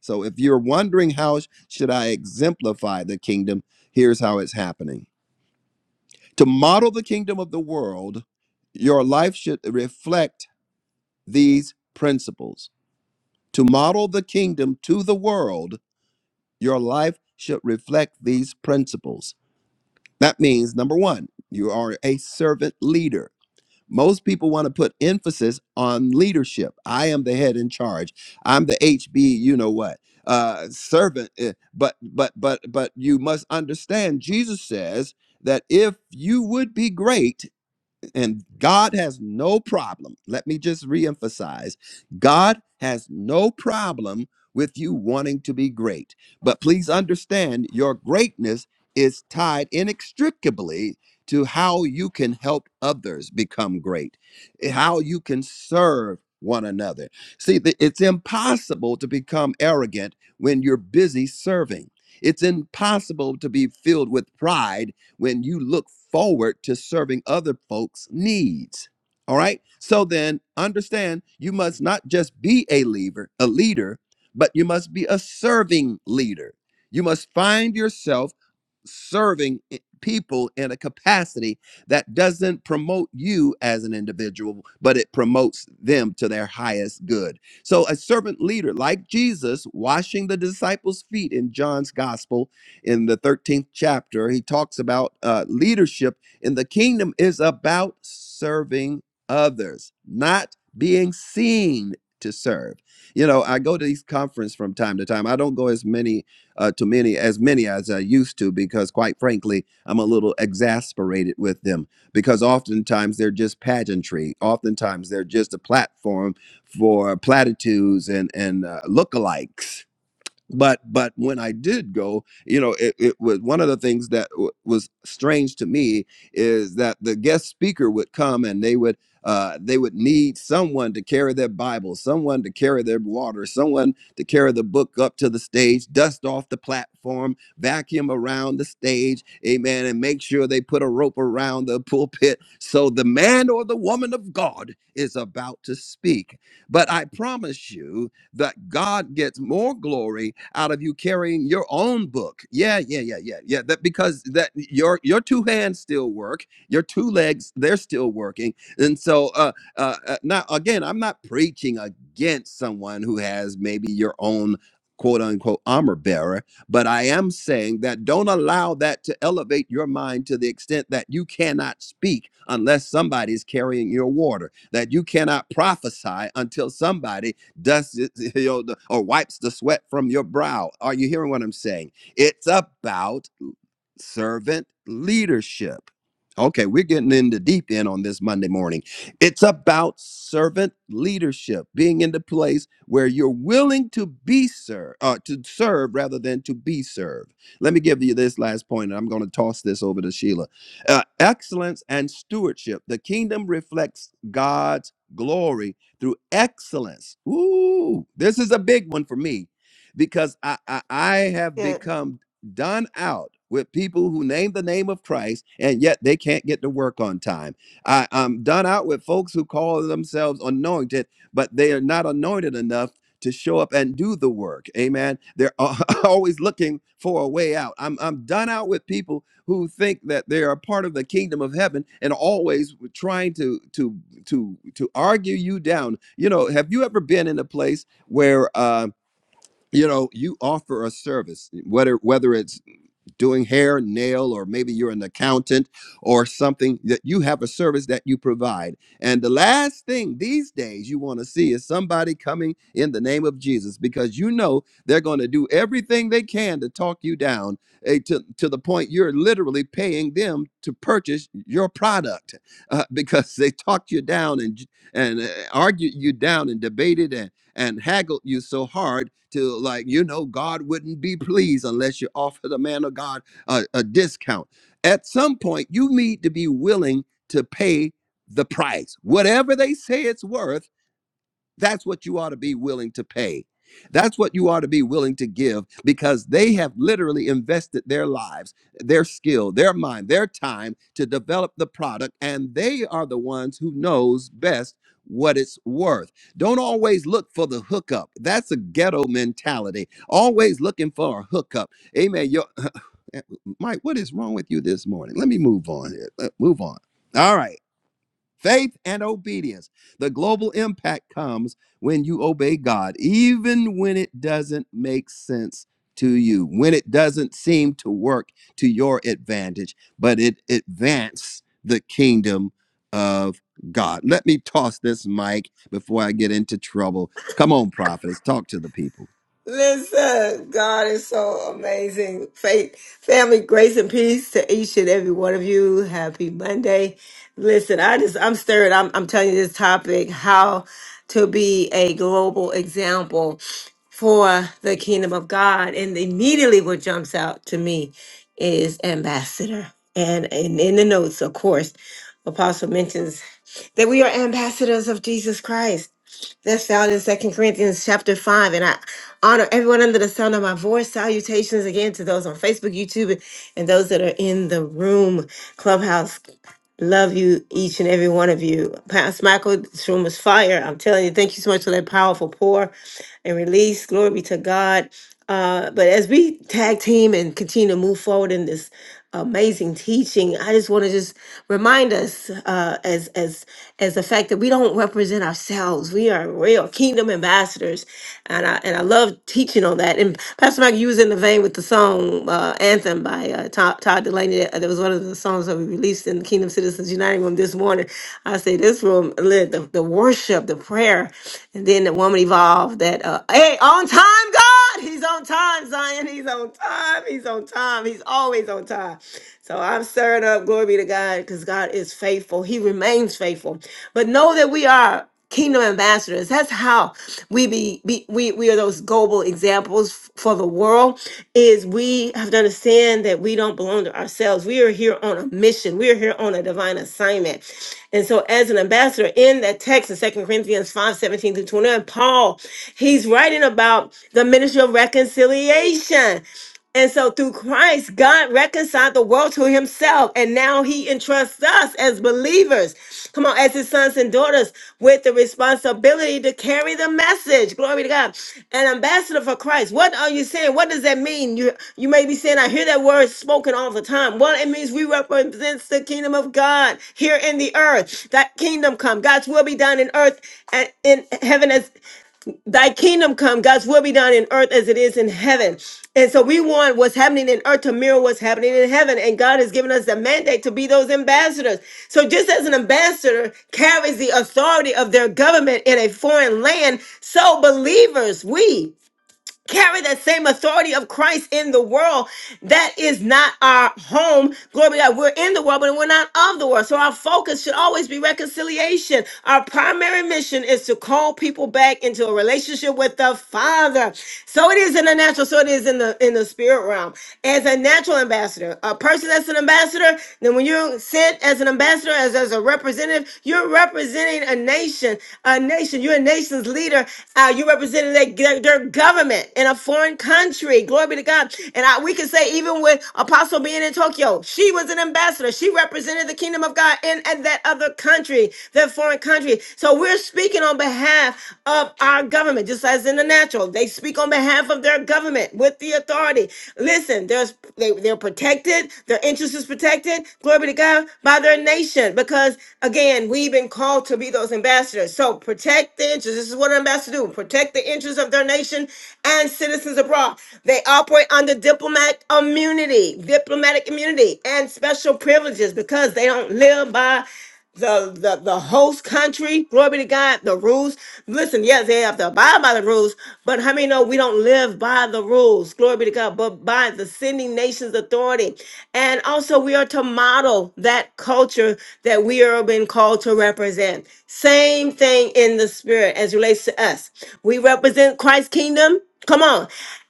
S1: So if you're wondering how should I exemplify the kingdom, here's how it's happening. To model the kingdom of the world, your life should reflect these principles. To model the kingdom to the world, your life should reflect these principles. That means number 1, you are a servant leader Most people want to put emphasis on leadership. I am the head in charge. I'm the HB, you know what, uh, servant. eh, But but but but you must understand. Jesus says that if you would be great, and God has no problem. Let me just reemphasize God has no problem with you wanting to be great. But please understand your greatness is tied inextricably to how you can help others become great, how you can serve one another. See, th- it's impossible to become arrogant when you're busy serving. It's impossible to be filled with pride when you look forward to serving other folks' needs. All right. So then understand you must not just be a leader, a leader, but you must be a serving leader. You must find yourself serving i- people in a capacity that doesn't promote you as an individual, but it promotes them to their highest good. So, a servant leader like Jesus washing the disciples' feet in John's gospel in the 13th chapter, he talks about uh, leadership in the kingdom is about serving others, not being seen to serve. You know, I go to these conferences from time to time. I don't go as many uh, to many as many as I used to because, quite frankly, I'm a little exasperated with them because oftentimes they're just pageantry. Oftentimes they're just a platform for platitudes and and uh, lookalikes but but when i did go you know it, it was one of the things that w- was strange to me is that the guest speaker would come and they would uh, they would need someone to carry their bible someone to carry their water someone to carry the book up to the stage dust off the platform vacuum around the stage amen and make sure they put a rope around the pulpit so the man or the woman of god is about to speak but i promise you that God gets more glory out of you carrying your own book. Yeah, yeah, yeah, yeah, yeah. That because that your your two hands still work, your two legs they're still working, and so uh, uh, uh, now again, I'm not preaching against someone who has maybe your own quote unquote armor bearer, but I am saying that don't allow that to elevate your mind to the extent that you cannot speak unless somebody's carrying your water, that you cannot prophesy until somebody dust you know, or wipes the sweat from your brow. Are you hearing what I'm saying? It's about servant leadership. Okay, we're getting in the deep end on this Monday morning. It's about servant leadership, being in the place where you're willing to be served, uh, to serve rather than to be served. Let me give you this last point, and I'm going to toss this over to Sheila. Uh, excellence and stewardship. The kingdom reflects God's glory through excellence. Ooh, this is a big one for me because I, I I have
S2: Yeah.
S1: become done out with people who name the name of Christ and yet they can't get to work on time. I, I'm done out with folks who call themselves anointed, but they are not anointed enough to show up and do the work. Amen. They're al- always looking for a way out. I'm, I'm done out with people who think that they are part of the kingdom of heaven and always trying to to to to argue you down. You know, have you ever been in a place where uh, you know you offer a service, whether whether it's doing hair, nail, or maybe you're an accountant or something that you have a service that you provide. And the last thing these days you want to see is somebody coming in the name of Jesus because you know they're going to do everything they can to talk you down eh, to, to the point you're literally paying them to purchase your product uh, because they talked you down and, and uh, argued you down and debated and and haggled you so hard to like you know god wouldn't be pleased unless you offer the man of god a, a discount at some point you need to be willing to pay the price whatever they say it's worth that's what you ought to be willing to pay. That's what you ought to be willing to give because they have literally invested their lives, their skill, their mind, their time to develop the product and they are the ones who knows best what it's worth. Don't always look for the hookup. That's a ghetto mentality. Always looking for a hookup. Amen. Your Mike, what is wrong with you this morning? Let me move on here. Let- Move on. All right. Faith and obedience. The global impact comes when you obey God, even when it doesn't make sense to you, when it doesn't seem to work to your advantage, but it advances the kingdom of God. Let me toss this mic before I get into trouble. Come on, prophets, talk to the people.
S2: Listen, God is so amazing. Faith, family, grace, and peace to each and every one of you. Happy Monday. Listen, I just, I'm stirred. I'm, I'm telling you this topic how to be a global example for the kingdom of God. And immediately what jumps out to me is ambassador. And, and in the notes, of course, Apostle mentions that we are ambassadors of Jesus Christ. That's found in Second Corinthians chapter five. And I honor everyone under the sound of my voice. Salutations again to those on Facebook, YouTube, and those that are in the room, Clubhouse. Love you, each and every one of you. Pastor Michael, this room is fire. I'm telling you, thank you so much for that powerful pour and release. Glory be to God. Uh, but as we tag team and continue to move forward in this amazing teaching, I just want to just remind us uh, as as as the fact that we don't represent ourselves. We are real kingdom ambassadors, and I and I love teaching on that that. And Pastor Mike, you was in the vein with the song uh, Anthem by uh, Todd, Todd Delaney. That that was one of the songs that we released in the Kingdom Citizens Uniting room this morning. I say this room, lit, the, the worship, the prayer, and then the woman evolved that, uh, hey, on time, God! He's on time, Zion. He's on time. He's on time. He's always on time. So I'm stirred up. Glory be to God because God is faithful. He remains faithful. But know that we are kingdom ambassadors. That's how we be, be we we are those global examples f- for the world. Is we have to understand that we don't belong to ourselves. We are here on a mission. We are here on a divine assignment. And so, as an ambassador in that text in Second Corinthians five seventeen 17 through 29, Paul, he's writing about the ministry of reconciliation. And so through Christ, God reconciled the world to himself. And now he entrusts us as believers, come on, as his sons and daughters, with the responsibility to carry the message. Glory to God. An ambassador for Christ. What are you saying? What does that mean? You, you may be saying, I hear that word spoken all the time. Well, it means we represent the kingdom of God here in the earth. That kingdom come. God's will be done in earth and in heaven as thy kingdom come, God's will be done in earth as it is in heaven. And so we want what's happening in earth to mirror what's happening in heaven. And God has given us the mandate to be those ambassadors. So just as an ambassador carries the authority of their government in a foreign land, so believers, we carry that same authority of Christ in the world. That is not our home. Glory be to God. We're in the world, but we're not of the world. So our focus should always be reconciliation. Our primary mission is to call people back into a relationship with the Father. So it is in the natural, so it is in the in the spirit realm. As a natural ambassador, a person that's an ambassador, then when you're sent as an ambassador, leader, as, as a representative. You're representing a nation, a nation. You're a nation's leader. Uh, you're representing their, their, their government in a foreign country. Glory be to God. And I, we can say, even with Apostle being in Tokyo, she was an ambassador. She represented the kingdom of God in, in that other country, that foreign country. So we're speaking on behalf of our government, just as in the natural. They speak on behalf behalf of their government with the authority. Listen, there's they, they're protected, their interest is protected, glory be to God, by their nation. Because again, we've been called to be those ambassadors. So protect the interests. This is what an ambassador do. Protect the interests of their nation and citizens abroad. They operate under diplomatic immunity, diplomatic immunity and special privileges because they don't live by the, the the host country. Glory be to God. The rules. Listen, yes, they have to abide by the rules, but how many know we don't live by the rules? Glory be to God, but by the sending nations authority. And also we are to model that culture that we are being called to represent. Same thing in the spirit as relates to us. We represent Christ's kingdom. Come on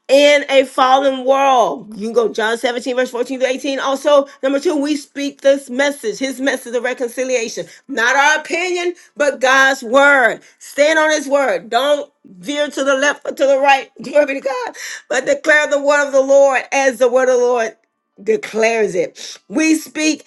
S2: in a fallen world. You can go John 17, verse 14 to 18. Also, number two, we speak this message, his message of reconciliation. Not our opinion, but God's word. Stand on his word. Don't veer to the left or to the right. Glory be to God. But declare the word of the Lord as the word of the Lord declares it. We speak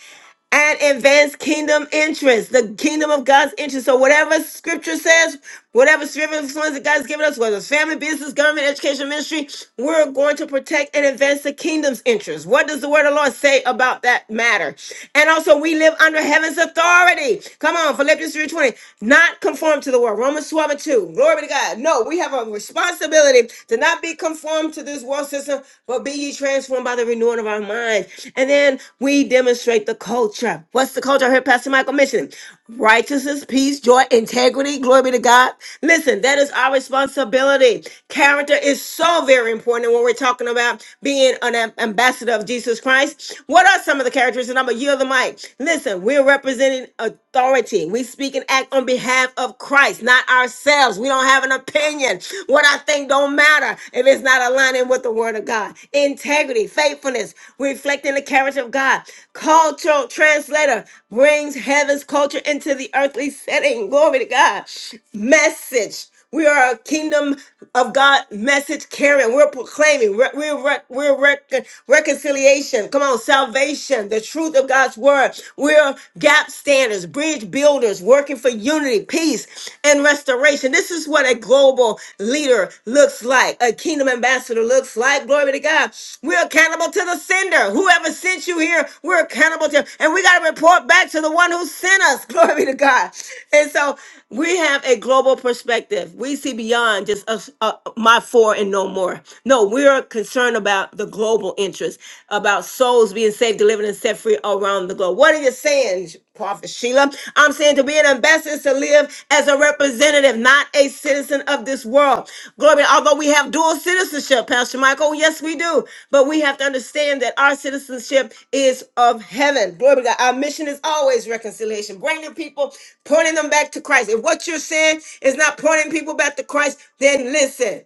S2: and advance kingdom interests, the kingdom of God's interest. So whatever scripture says, whatever spiritual influence that God's given us, whether it's family, business, government, education, ministry, we're going to protect and advance the kingdom's interest. What does the word of the Lord say about that matter? And also we live under heaven's authority. Come on, Philippians 3:20 not conformed to the world. Romans 12 and 2. Glory to God. No, we have a responsibility to not be conformed to this world system, but be ye transformed by the renewing of our minds. And then we demonstrate the culture. What's the culture? I heard Pastor Michael mentioning righteousness, peace, joy, integrity. Glory be to God. Listen, that is our responsibility. Character is so very important when we're talking about being an am- ambassador of Jesus Christ. What are some of the characteristics? And I'm going to yield the mic. Listen, we're we're representing authority. We speak and act on behalf of Christ, not ourselves. We don't have an opinion. What I think don't matter if it's not aligning with the word of God. Integrity, faithfulness, reflecting the character of God. Cultural translator brings heaven's culture into the earthly setting. Glory to God. Message. We are a kingdom of God message carrying. We're proclaiming. We're, we're, rec- we're rec- reconciliation. Come on, salvation, the truth of God's word. We're gap standers, bridge builders, working for unity, peace, and restoration. This is what a global leader looks like, a kingdom ambassador looks like. Glory to God. We're accountable accountable to the sender. Whoever sent you here, we're accountable to. And we got to report back to the one who sent us. Glory be to God. And so we have a global perspective. We see beyond just us, uh, my four and no more. No, we're concerned about the global interest, about souls being saved, delivered, and set free around the globe. What are you saying? Prophet Sheila. I'm saying to be an ambassador is to live as a representative, not a citizen of this world. Glory, although we have dual citizenship, Pastor Michael, yes, we do. But we have to understand that our citizenship is of heaven. Glory to God. Our mission is always reconciliation, bringing people, pointing them back to Christ. If what you're saying is not pointing people back to Christ, then listen.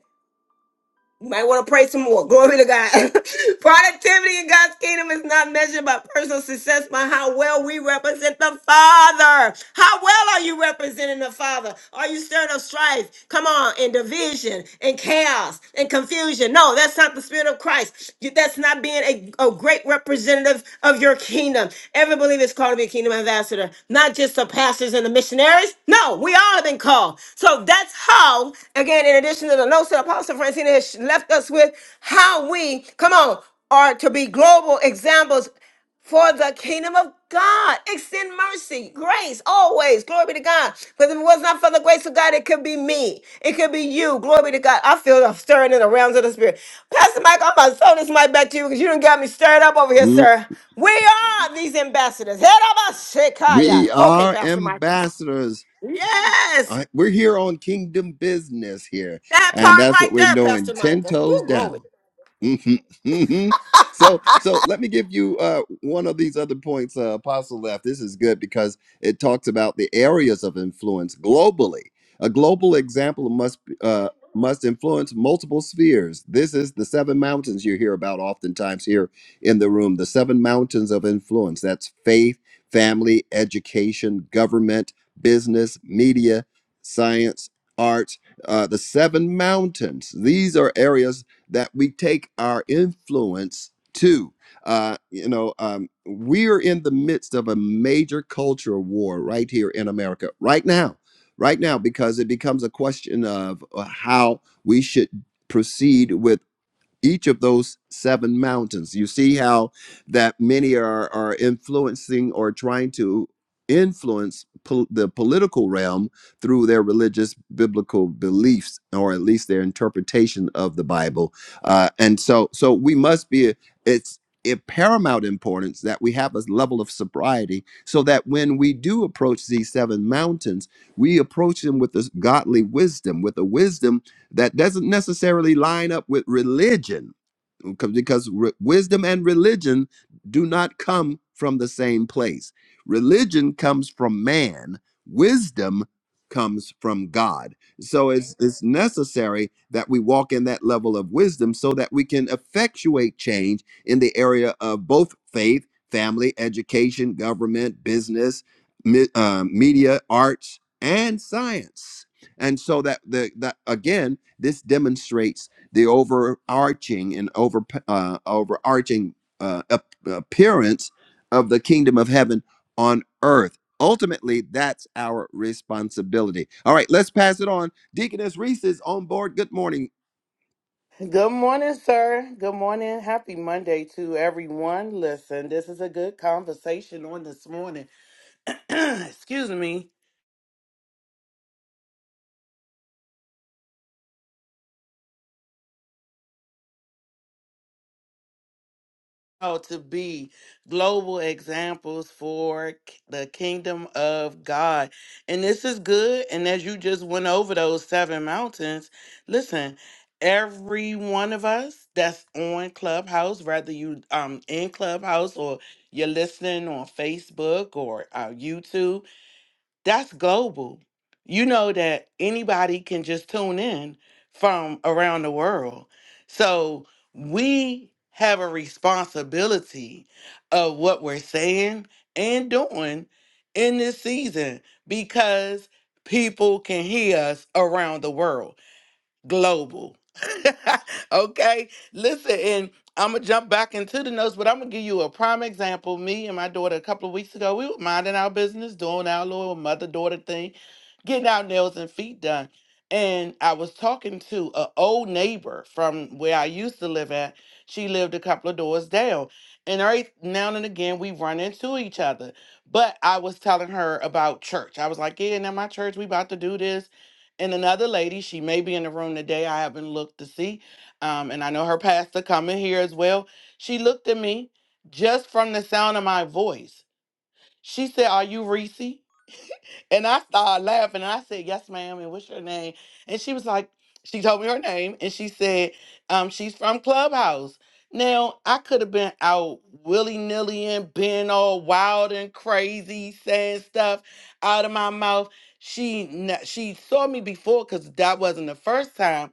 S2: You might want to pray some more. Glory to God. Productivity in God's kingdom is not measured by personal success, but how well we represent the Father. How well are you representing the Father? Are you stirring up strife? Come on, and division, and chaos, and confusion. No, that's not the spirit of Christ. That's not being a, a great representative of your kingdom. Every believer is called to be a kingdom ambassador, not just the pastors and the missionaries. No, we all have been called. So that's how, again, in addition to the notes that Apostle Francina has left us with, how we, come on, are to be global examples for the kingdom of God. Extend mercy, grace, always. Glory be to God. Because if it was not for the grace of God, it could be me. It could be you. Glory be to God. I feel a stirring in the realms of the spirit. Pastor Mike, I'm about to throw this mic back to you because you done got me stirred up over here,
S1: Mm,
S2: sir. We are these ambassadors. Head of us, Shekiah.
S1: We
S2: Okay,
S1: are
S2: Pastor Michael.
S1: ambassadors.
S2: Yes,
S1: Uh, We're here on kingdom business here,
S2: that
S1: and
S2: part
S1: that's what
S2: right
S1: we're
S2: there,
S1: doing
S2: Pastor
S1: 10
S2: Michael.
S1: toes
S2: Woo, glory.
S1: down. Mhm, mhm. so so let me give you uh, one of these other points uh, apostle left this is good because it talks about the areas of influence globally a global example must uh, must influence multiple spheres this is the seven mountains you hear about oftentimes here in the room the seven mountains of influence that's faith family education government business media science arts uh, the seven mountains. These are areas that we take our influence to. Uh, you know, um, we're in the midst of a major cultural war right here in America, right now, right now, because it becomes a question of uh, how we should proceed with each of those seven mountains. You see how that many are, are influencing or trying to influence pol- the political realm through their religious biblical beliefs or at least their interpretation of the Bible. Uh, and so so we must be it's of paramount importance that we have a level of sobriety so that when we do approach these seven mountains, we approach them with this godly wisdom, with a wisdom that doesn't necessarily line up with religion because re- wisdom and religion do not come from the same place. Religion comes from man, wisdom comes from God. So it's it's necessary that we walk in that level of wisdom so that we can effectuate change in the area of both faith, family, education, government, business, mi- uh, media, arts, and science. And so that the that again, this demonstrates the overarching and over uh, overarching uh, appearance of the kingdom of heaven on earth. Ultimately, that's our responsibility. All right, let's pass it on. Deaconess Reese is on board. Good morning.
S3: Good morning, sir. Good morning. Happy Monday to everyone. Listen, this is a good conversation on this morning. Excuse me. called to be global examples for k- the kingdom of God. And this is good. And as you just went over those seven mountains, listen, every one of us that's on Clubhouse, whether you um in Clubhouse or you're listening on Facebook or uh, YouTube, that's global. You know that anybody can just tune in from around the world. So we have a responsibility of what we're saying and doing in this season because people can hear us around the world global. okay, listen, and I'm gonna jump back into the notes, but I'm gonna give you a prime example. Me and my daughter, a couple of weeks ago, we were minding our business, doing our little mother daughter thing, getting our nails and feet done. And I was talking to an old neighbor from where I used to live at. She lived a couple of doors down. And every now and again, we run into each other. But I was telling her about church. I was like, Yeah, now my church, we about to do this and another lady she may be in the room today i haven't looked to see um, and i know her pastor coming here as well she looked at me just from the sound of my voice she said are you reese and I started laughing and I said, Yes, ma'am. And what's your name? And she was like, She told me her name and she said, um, She's from Clubhouse. Now, I could have been out willy nilly and being all wild and crazy, saying stuff out of my mouth. She kn- she saw me before because that wasn't the first time.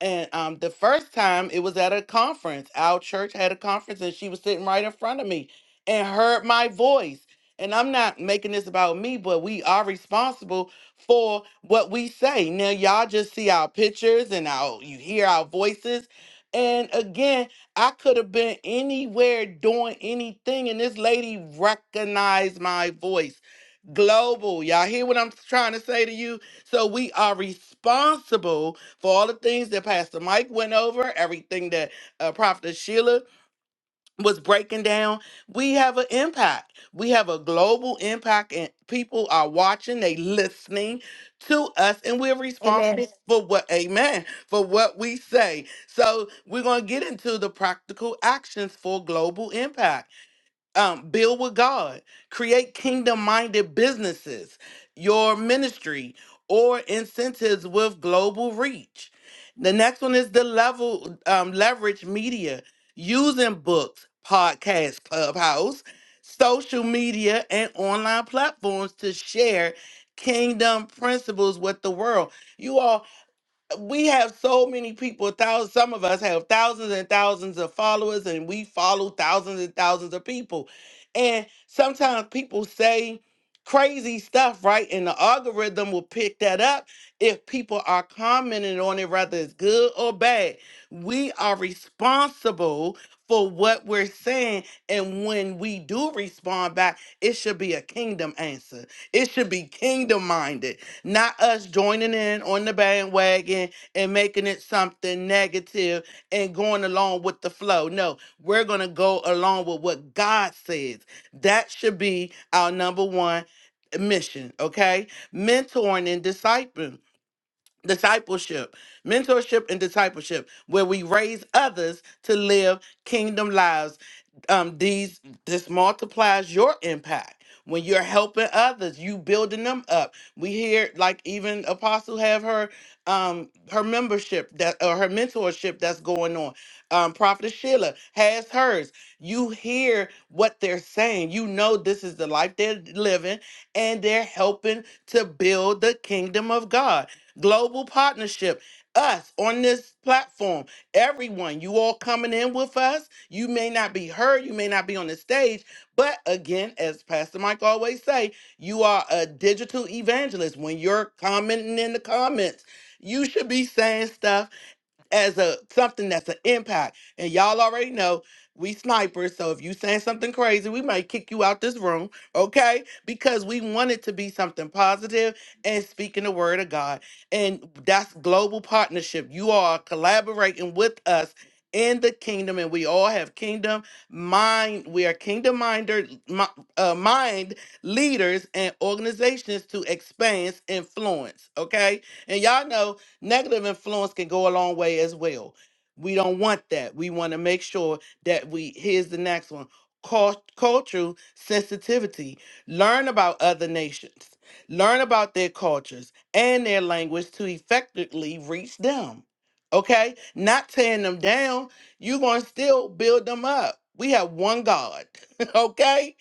S3: And um, the first time it was at a conference. Our church had a conference and she was sitting right in front of me and heard my voice. And I'm not making this about me, but we are responsible for what we say. Now, y'all just see our pictures and our you hear our voices. And again, I could have been anywhere doing anything, and this lady recognized my voice. Global, y'all hear what I'm trying to say to you? So we are responsible for all the things that Pastor Mike went over, everything that uh, Prophet Sheila was breaking down, we have an impact. We have a global impact, and people are watching, they listening to us, and we're responsible
S2: Amen.
S3: Amen. for what, amen, for what we say. So we're going to get into the practical actions for global impact um, build with God, create kingdom minded businesses, your ministry, or incentives with global reach. The next one is the level um, leverage media using books, podcasts, clubhouse, social media, and online platforms to share kingdom principles with the world. You all, we have so many people thousands some of us have thousands and thousands of followers and we follow thousands and thousands of people and sometimes people say crazy stuff right and the algorithm will pick that up if people are commenting on it whether it's good or bad we are responsible for what we're saying and when we do respond back it should be a kingdom answer it should be kingdom minded not us joining in on the bandwagon and making it something negative and going along with the flow. No, we're going to go along with what God says. That should be our number one mission, okay? Mentoring and discipling discipleship, mentorship, and discipleship, where we raise others to live kingdom lives. Um, these this multiplies your impact when you're helping others, you building them up. We hear like even Apostle have her um her membership that or her mentorship that's going on. Um, Prophet Sheila has hers. You hear what they're saying. You know this is the life they're living, and they're helping to build the kingdom of God Global Partnership, us on this platform, everyone, you all coming in with us. You may not be heard, you may not be on the stage, but again, as Pastor Mike always say, you are a digital evangelist. When you're commenting in the comments, you should be saying stuff as a something that's an impact. And y'all already know we snipers, so if you saying something crazy, we might kick you out this room, okay? Because we want it to be something positive and speaking the word of God. And that's global partnership. You are collaborating with us in the kingdom, and we all have kingdom mind. We are kingdom minder, mi- uh, mind leaders and organizations to expand influence. Okay, and y'all know Negative influence can go a long way as well. We don't want that. We want to make sure that we, here's the next one cul- cultural sensitivity. Learn about other nations, learn about their cultures and their language to effectively reach them. Okay? Not tearing them down. You're going to still build them up. We have one God. okay?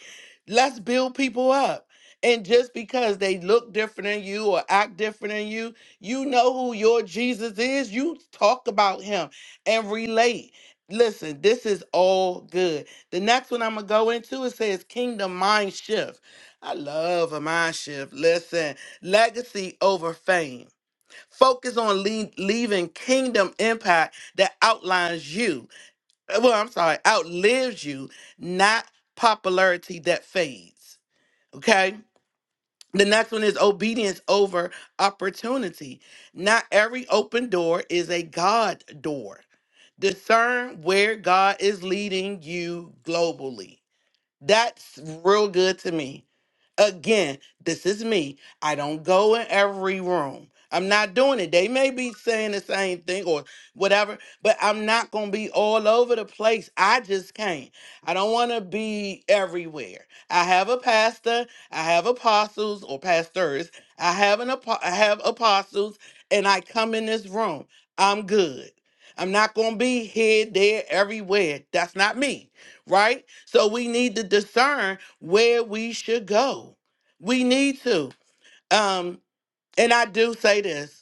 S3: Let's build people up. And just because they look different than you or act different than you you know who your Jesus is. You talk about him and relate. Listen, this is all good. The next one I'm going to go into it says kingdom mind shift. I love a mind shift. Listen, legacy over fame. Focus on lea- leaving kingdom impact that outlines you. Uh, Well, I'm sorry, outlives you, not popularity that fades. Okay? The next one is obedience over opportunity. Not every open door is a God door. Discern where God is leading you globally. That's real good to me. Again, this is me. I don't go in every room. I'm not doing it. They may be saying the same thing or whatever, but I'm not going to be all over the place. I just can't. I don't want to be everywhere. I have a pastor, I have apostles or pastors, I have an apo- I have apostles and I come in this room. I'm good. I'm not going to be here, there, everywhere. That's not me right? So we need to discern where we should go. We need to. Um, and I do say this.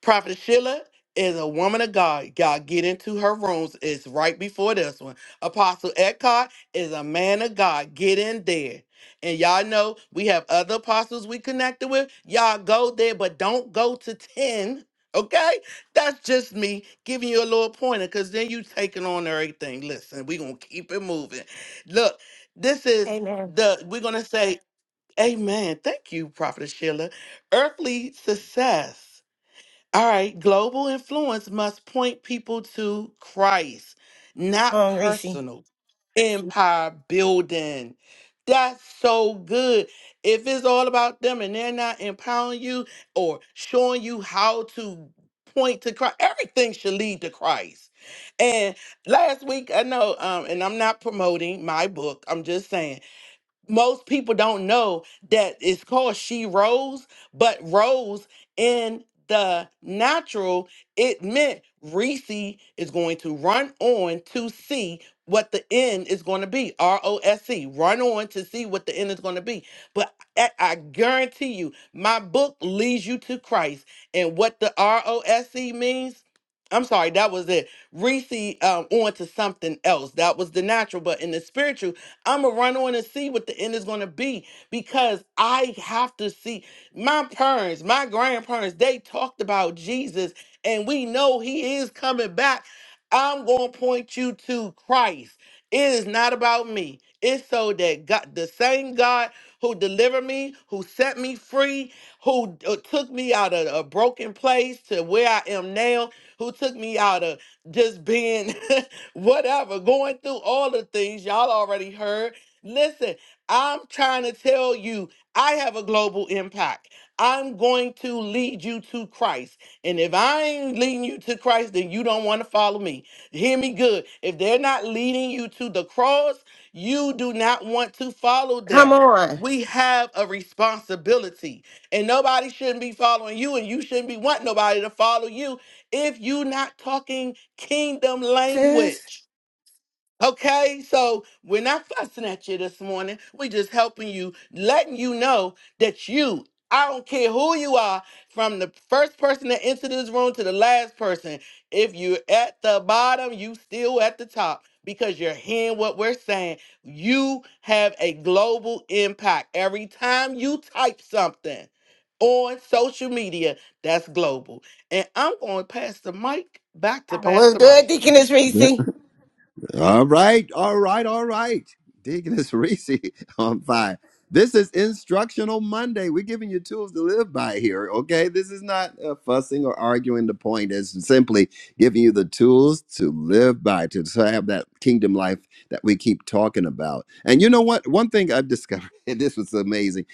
S3: Prophet Sheila is a woman of God. Y'all get into her rooms. It's right before this one. Apostle Eckhart is a man of God. Get in there. And y'all know we have other apostles we connected with. Y'all go there, but don't go to 10. Okay? That's just me giving you a little pointer because then you taking on everything. Listen, we gonna keep it moving. Look, this is
S2: Amen.
S3: the we're gonna say, Amen. Thank you, Prophet Sheila. Earthly success. All right, global influence must point people to Christ, not
S2: Come on, Reese.
S3: personal empire building. That's so good. If it's all about them and they're not empowering you or showing you how to point to Christ, everything should lead to Christ. And last week, I know, um, and I'm not promoting my book, I'm just saying most people don't know that it's called she rose but rose in the natural it meant reese is going to run on to see what the end is going to be r-o-s-e run on to see what the end is going to be but I, I guarantee you my book leads you to christ and what the r-o-s-e means i'm sorry that was it reese um, on to something else that was the natural but in the spiritual I'm gonna run on and see what the end is gonna be because I have to see my parents, my grandparents, they talked about Jesus and we know he is coming back. I'm gonna point you to Christ. It is not about me. It's so that God, the same God who delivered me, who set me free, who uh, took me out of a broken place to where I am now, who took me out of just being whatever, going through all the things y'all already heard. Listen, I'm trying to tell you, I have a global impact. I'm going to lead you to Christ. And if I ain't leading you to Christ, then you don't want to follow me. Hear me good. If they're not leading you to the cross, you do not want to follow
S2: Come
S3: them.
S2: on.
S3: We have a responsibility, and nobody shouldn't be following you, and you shouldn't be wanting nobody to follow you if you're not talking kingdom
S2: Sis.
S3: language. Okay, so we're not fussing at you this morning. We're just helping you, letting you know that you, I don't care who you are, from the first person that entered this room to the last person, if you're at the bottom, you still at the top because you're hearing what we're saying. You have a global impact. Every time you type something on social media, that's global. And I'm going to pass the mic back to
S2: was
S3: Pastor Mike.
S2: good, Deaconess Reese?
S1: All right, all right, all right. Deaconess Reese on fire. This is Instructional Monday. We're giving you tools to live by here, okay? This is not uh, fussing or arguing the point. It's simply giving you the tools to live by, to to have that kingdom life that we keep talking about. And you know what? One thing I've discovered, and this was amazing.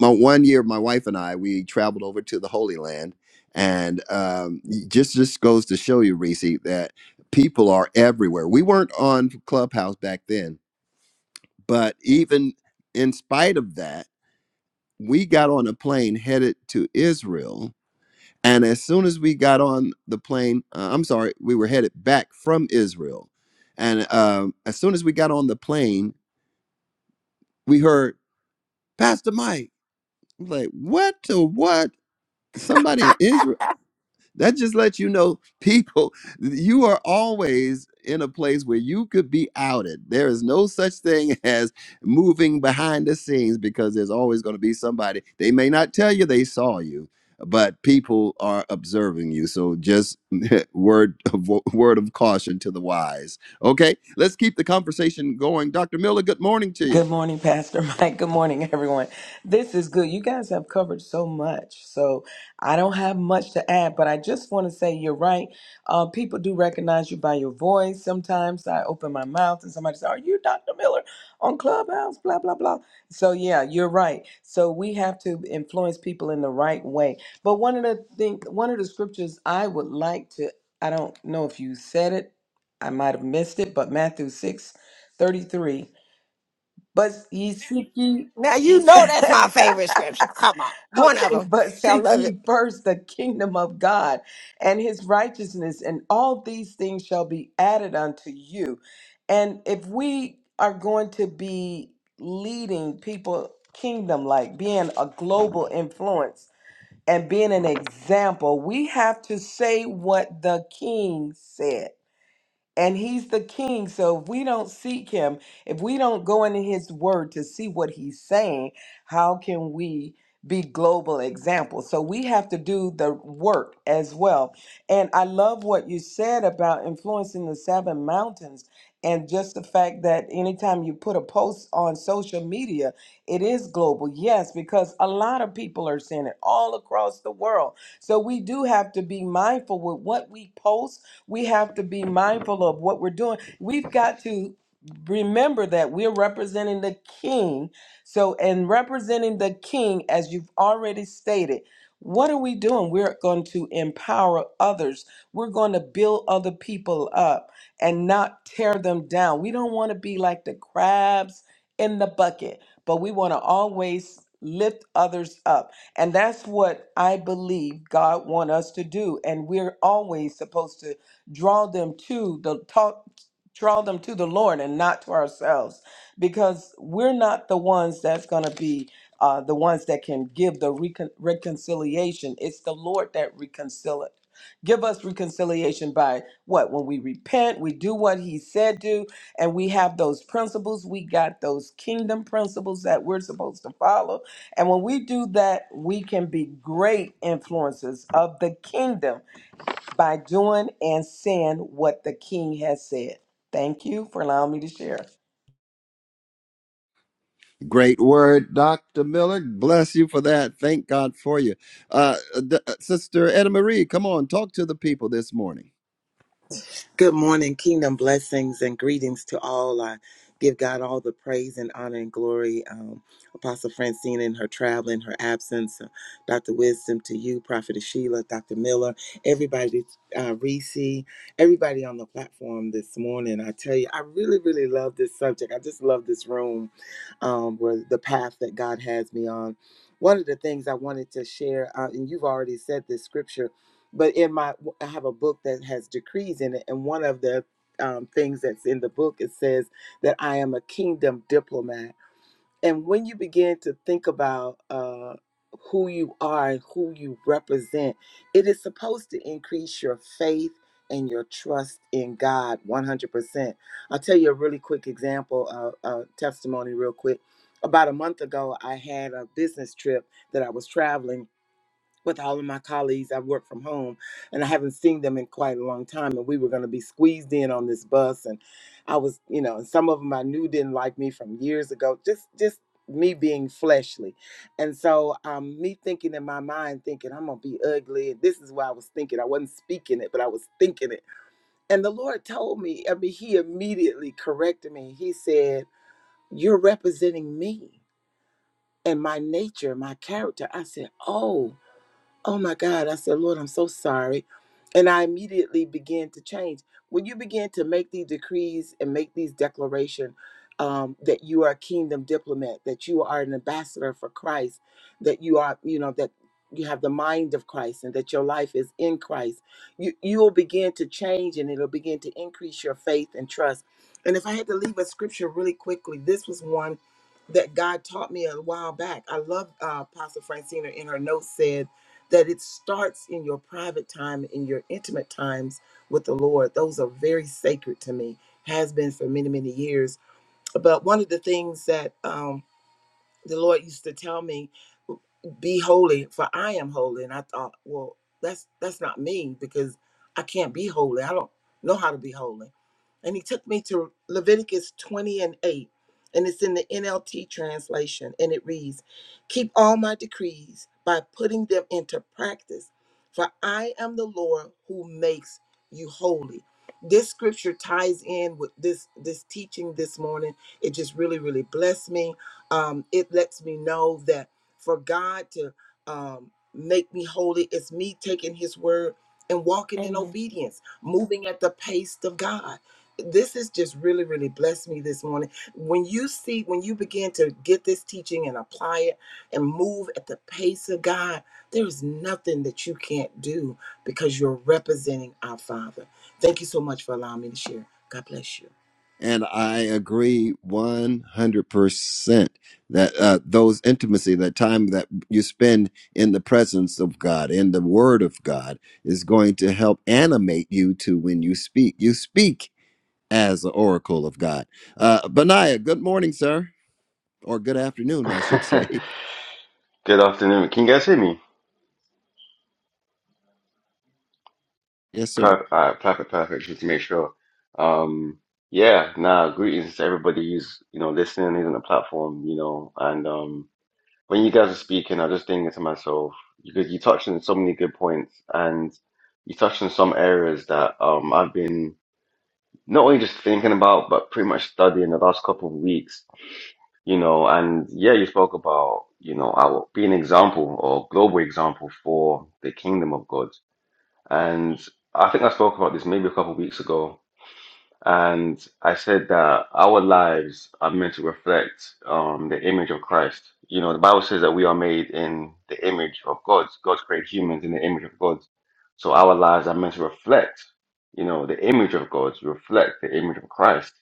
S1: My one year, my wife and I, we traveled over to the Holy Land. And um, just just goes to show you, Reese, that people are everywhere. We weren't on Clubhouse back then, but even in spite of that, we got on a plane headed to Israel. And as soon as we got on the plane, uh, I'm sorry, we were headed back from Israel. And um, as soon as we got on the plane, we heard Pastor Mike. I'm like, what to what? Somebody in Israel? That just lets you know, people, you are always in a place where you could be outed. There is no such thing as moving behind the scenes because there's always going to be somebody. They may not tell you they saw you, but people are observing you. So just word of, word of caution to the wise. Okay, let's keep the conversation going. Dr. Miller, good morning to you.
S4: Good morning, Pastor Mike. Good morning, everyone. This is good. You guys have covered so much. So I don't have much to add, but I just want to say you're right. Uh, people do recognize you by your voice. Sometimes I open my mouth and somebody says, Are you Dr. Miller on Clubhouse? Blah, blah, blah. So yeah, you're right. So we have to influence people in the right way. But one of the thing, one of the scriptures I would like to, I don't know if you said it, I might have missed it, but Matthew 6 33. But ye seek ye,
S2: Now you know that's my favorite scripture. Come on. One of
S4: okay,
S2: them.
S4: but
S2: I
S4: seek
S2: love it.
S4: ye first the kingdom of God and his righteousness, and all these things shall be added unto you. And if we are going to be leading people kingdom like, being a global influence and being an example, we have to say what the king said. and he's the king so if we don't seek him if we don't go into his word to see what he's saying how can we be global examples so we have to do the work as well and i love what you said about influencing the seven mountains and just the fact that anytime you put a post on social media it is global yes because a lot of people are seeing it all across the world so we do have to be mindful with what we post we have to be mindful of what we're doing. We've got to remember that we're representing the king. So, and representing the king, as you've already stated, what are we doing? We're going to empower others. We're going to build other people up and not tear them down. We don't want to be like the crabs in the bucket, but we want to always lift others up. And that's what I believe God want us to do. And we're always supposed to draw them to the talk draw them to the lord and not to ourselves because we're not the ones that's going to be uh, the ones that can give the recon- reconciliation it's the lord that reconcileth give us reconciliation by what when we repent we do what he said do and we have those principles we got those kingdom principles that we're supposed to follow and when we do that we can be great influences of the kingdom by doing and saying what the king has said. Thank you for allowing me to share.
S1: Great word, Dr. Miller. Bless you for that. Thank God for you. Uh, D- uh, Sister Edna Marie, come on, talk to the people this morning.
S5: Good morning, kingdom blessings and greetings to all. I give God all the praise and honor and glory. Um, Apostle Francine in her travel, in her absence, uh, Dr. Wisdom to you, Prophet Sheila, Dr. Miller, everybody, uh, Reese, everybody on the platform this morning. I tell you, I really, really love this subject. I just love this room um, where the path that God has me on. One of the things I wanted to share, uh, and you've already said this scripture but in my i have a book that has decrees in it and one of the um, things that's in the book it says that i am a kingdom diplomat and when you begin to think about uh, who you are and who you represent it is supposed to increase your faith and your trust in god 100% i'll tell you a really quick example uh, uh, testimony real quick about a month ago i had a business trip that i was traveling with all of my colleagues. I work from home and I haven't seen them in quite a long time. And we were going to be squeezed in on this bus. And I was, you know, and some of them I knew didn't like me from years ago, just, just me being fleshly. And so um, me thinking in my mind, thinking, I'm going to be ugly. This is what I was thinking. I wasn't speaking it, but I was thinking it. And the Lord told me, I mean, He immediately corrected me. He said, You're representing me and my nature, my character. I said, Oh oh my God. I said, Lord, I'm so sorry. And I immediately began to change. When you begin to make these decrees and make these declaration um, that you are a kingdom diplomat, that you are an ambassador for Christ, that you are, you know, that you have the mind of Christ and that your life is in Christ, you, you will begin to change and it'll begin to increase your faith and trust. And if I had to leave a scripture really quickly, this was one that God taught me a while back. I love uh, Apostle Francina in her notes said, that it starts in your private time, in your intimate times with the Lord. Those are very sacred to me, has been for many, many years. But one of the things that um, the Lord used to tell me, "Be holy, for I am holy." And I thought, well, that's that's not me because I can't be holy. I don't know how to be holy. And He took me to Leviticus twenty and eight, and it's in the NLT translation, and it reads, "Keep all my decrees by putting them into practice, for I am the Lord who makes you holy." This scripture ties in with this this teaching this morning. It just really really blessed me um, it lets me know that for God to um, make me holy, it's me taking His word and walking in
S2: Amen.
S5: obedience, moving at the pace of God. This has just really, really blessed me this morning. When you see, when you begin to get this teaching and apply it and move at the pace of God, there's nothing that you can't do because you're representing our Father. Thank you so much for allowing me to share. God bless you.
S1: And I agree 100% that uh, those intimacy, that time that you spend in the presence of God, in the Word of God, is going to help animate you to when you speak. You speak as the oracle of God. Uh, Benaiah, good morning, sir. Or good afternoon, I should say.
S6: Good afternoon. Can you guys hear me?
S1: Yes, sir.
S6: Perfect, uh, perfect, perfect. Just to make sure. Um, yeah, nah, greetings to everybody who's, you know, listening, who's on the platform, you know, and um, when you guys are speaking, I was just thinking to myself, because you touched on so many good points and you touched on some areas that um, I've been not only just thinking about, but pretty much studying the last couple of weeks, you know, and yeah, you spoke about, you know, I will be an example or global example for the kingdom of God And I think I spoke about this maybe a couple of weeks ago. And I said that our lives are meant to reflect um, the image of Christ. You know, the Bible says that we are made in the image of God. God created humans in the image of God. So our lives are meant to reflect, you know, the image of God, reflect the image of Christ.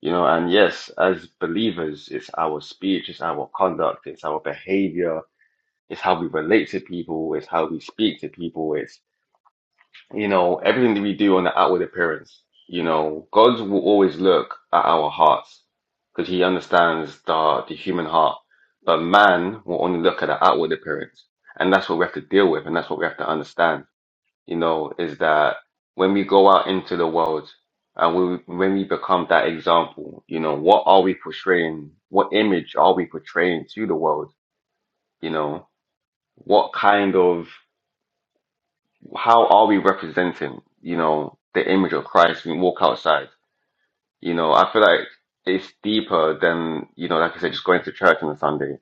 S6: You know, and yes, as believers, it's our speech, it's our conduct, it's our behavior, it's how we relate to people, it's how we speak to people, it's you know, everything that we do on the outward appearance, you know, God will always look at our hearts because he understands the, the human heart. But man will only look at the outward appearance. And that's what we have to deal with. And that's what we have to understand, you know, is that when we go out into the world and we, when we become that example, you know, what are we portraying? What image are we portraying to the world? You know, what kind of how are we representing, you know, the image of Christ when we walk outside? You know, I feel like it's deeper than, you know, like I said, just going to church on a Sunday.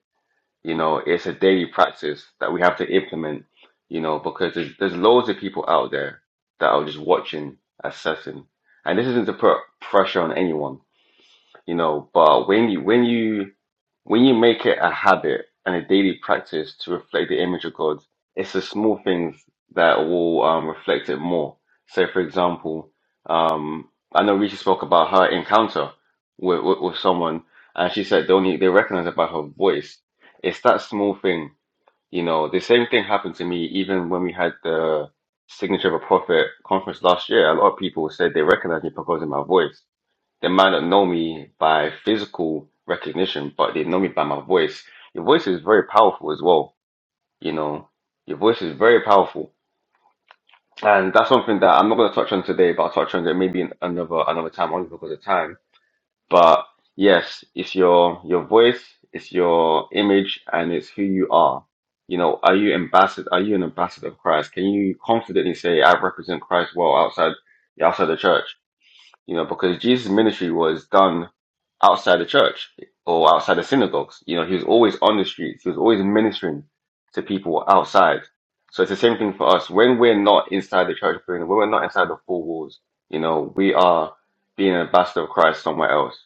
S6: You know, it's a daily practice that we have to implement, you know, because there's, there's loads of people out there that are just watching, assessing. And this isn't to put pressure on anyone you know, but when you when you when you make it a habit and a daily practice to reflect the image of God, it's the small things that will um, reflect it more. So, for example, um, I know Rishi spoke about her encounter with, with, with someone, and she said they only they recognize it by her voice. It's that small thing, you know. The same thing happened to me even when we had the Signature of a Prophet conference last year. A lot of people said they recognized me because of my voice they might not know me by physical recognition, but they know me by my voice. Your voice is very powerful as well. You know, your voice is very powerful, and that's something that I'm not going to touch on today, but I'll touch on it maybe in another another time, only because of time. But yes, it's your your voice, it's your image, and it's who you are. You know, are you ambassador? Are you an ambassador of Christ? Can you confidently say, "I represent Christ well outside outside the church"? you know, because Jesus' ministry was done outside the church or outside the synagogues. You know, he was always on the streets. He was always ministering to people outside. So it's the same thing for us. When we're not inside the church, when we're not inside the four walls, you know, we are being an ambassador of Christ somewhere else.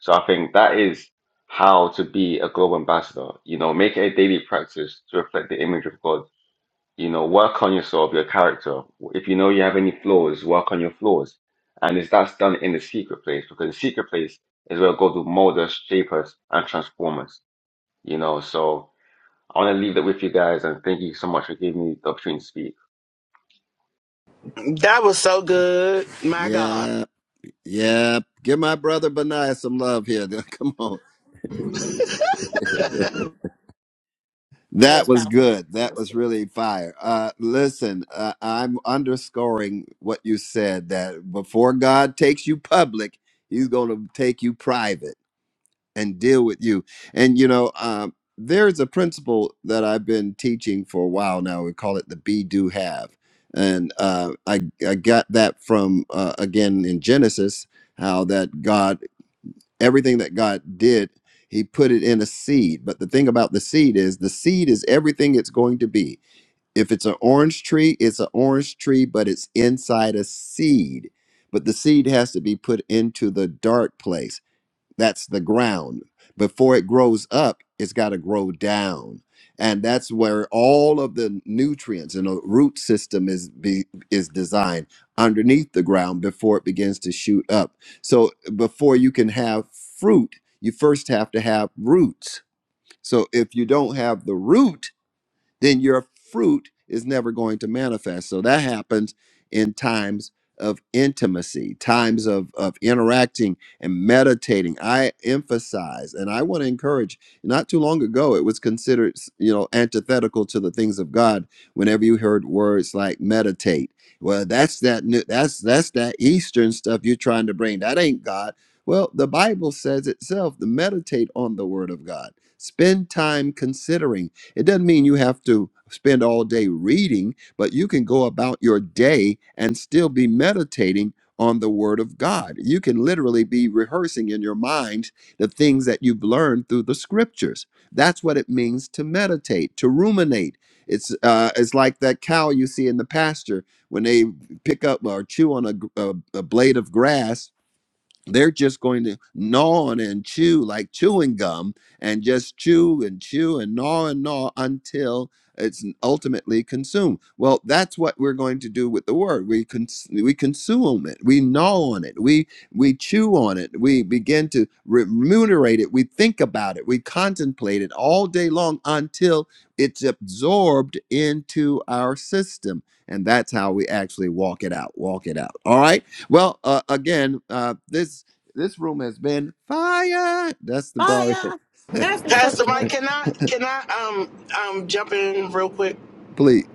S6: So I think that is how to be a global ambassador. You know, make it a daily practice to reflect the image of God you know, work on yourself, your character. If you know you have any flaws, work on your flaws. And it's that's done in the secret place because the secret place is where God will mold us, shape us, and transform us. You know, so I want to leave that with you guys and thank you so much for giving me the opportunity to speak.
S3: That was so good. My God.
S1: Yeah. Yep. Give my brother Benaiah some love here. Come on.
S2: That
S1: that
S2: was
S1: was
S2: powerful.
S1: good.
S2: That
S1: That
S2: was
S1: was
S2: good.
S1: really fire. Uh, listen, uh, I'm underscoring what you said that before God takes you public, he's going to take you private and deal with you. And, you know, um, there's a principle that I've been teaching for a while now. We call it the be, do, have. And uh, I, I got that from, uh, again, in Genesis, how that God everything that God did, he put it in a seed. But the thing about the seed is the seed is everything it's going to be. If it's an orange tree, it's an orange tree, but it's inside a seed. But the seed has to be put into the dark place. That's the ground. Before it grows up, it's got to grow down. And that's where all of the nutrients and the root system is be, is designed underneath the ground before it begins to shoot up. So before you can have fruit, you first have to have roots. So if you don't have the root, then your fruit is never going to manifest. So that happens in times of intimacy, times of, of interacting and meditating. I emphasize and I want to encourage. Not too long ago, it was considered, you know, antithetical to the things of God whenever you heard words like meditate. Well, that's that new, that's that's that Eastern stuff you're trying to bring. That ain't God. Well, the Bible says itself, to meditate on the word of God. Spend time considering it doesn't mean you have to spend all day reading, but you can go about your day and still be meditating on the Word of God. You can literally be rehearsing in your mind the things that you've learned through the Scriptures. That's what it means to meditate, to ruminate. It's uh, it's like that cow you see in the pasture when they pick up or chew on a, gr- a a blade of grass they're just going to gnaw on and chew like chewing gum and just chew and chew and gnaw and gnaw until it's ultimately consumed. Well, that's what we're going to do with the word. We cons- we consume it. We gnaw on it. We we chew on it. We begin to remunerate it. We think about it. We contemplate it all day long until it's absorbed into our system. And that's how we actually walk it out. Walk it out. All right? Well, uh, again, uh, this this room has been fire. That's the bar.
S2: Fire. Can I say
S3: Pastor
S2: something
S3: Mike,
S2: else?
S3: can I can I um um jump in real quick?
S1: Please,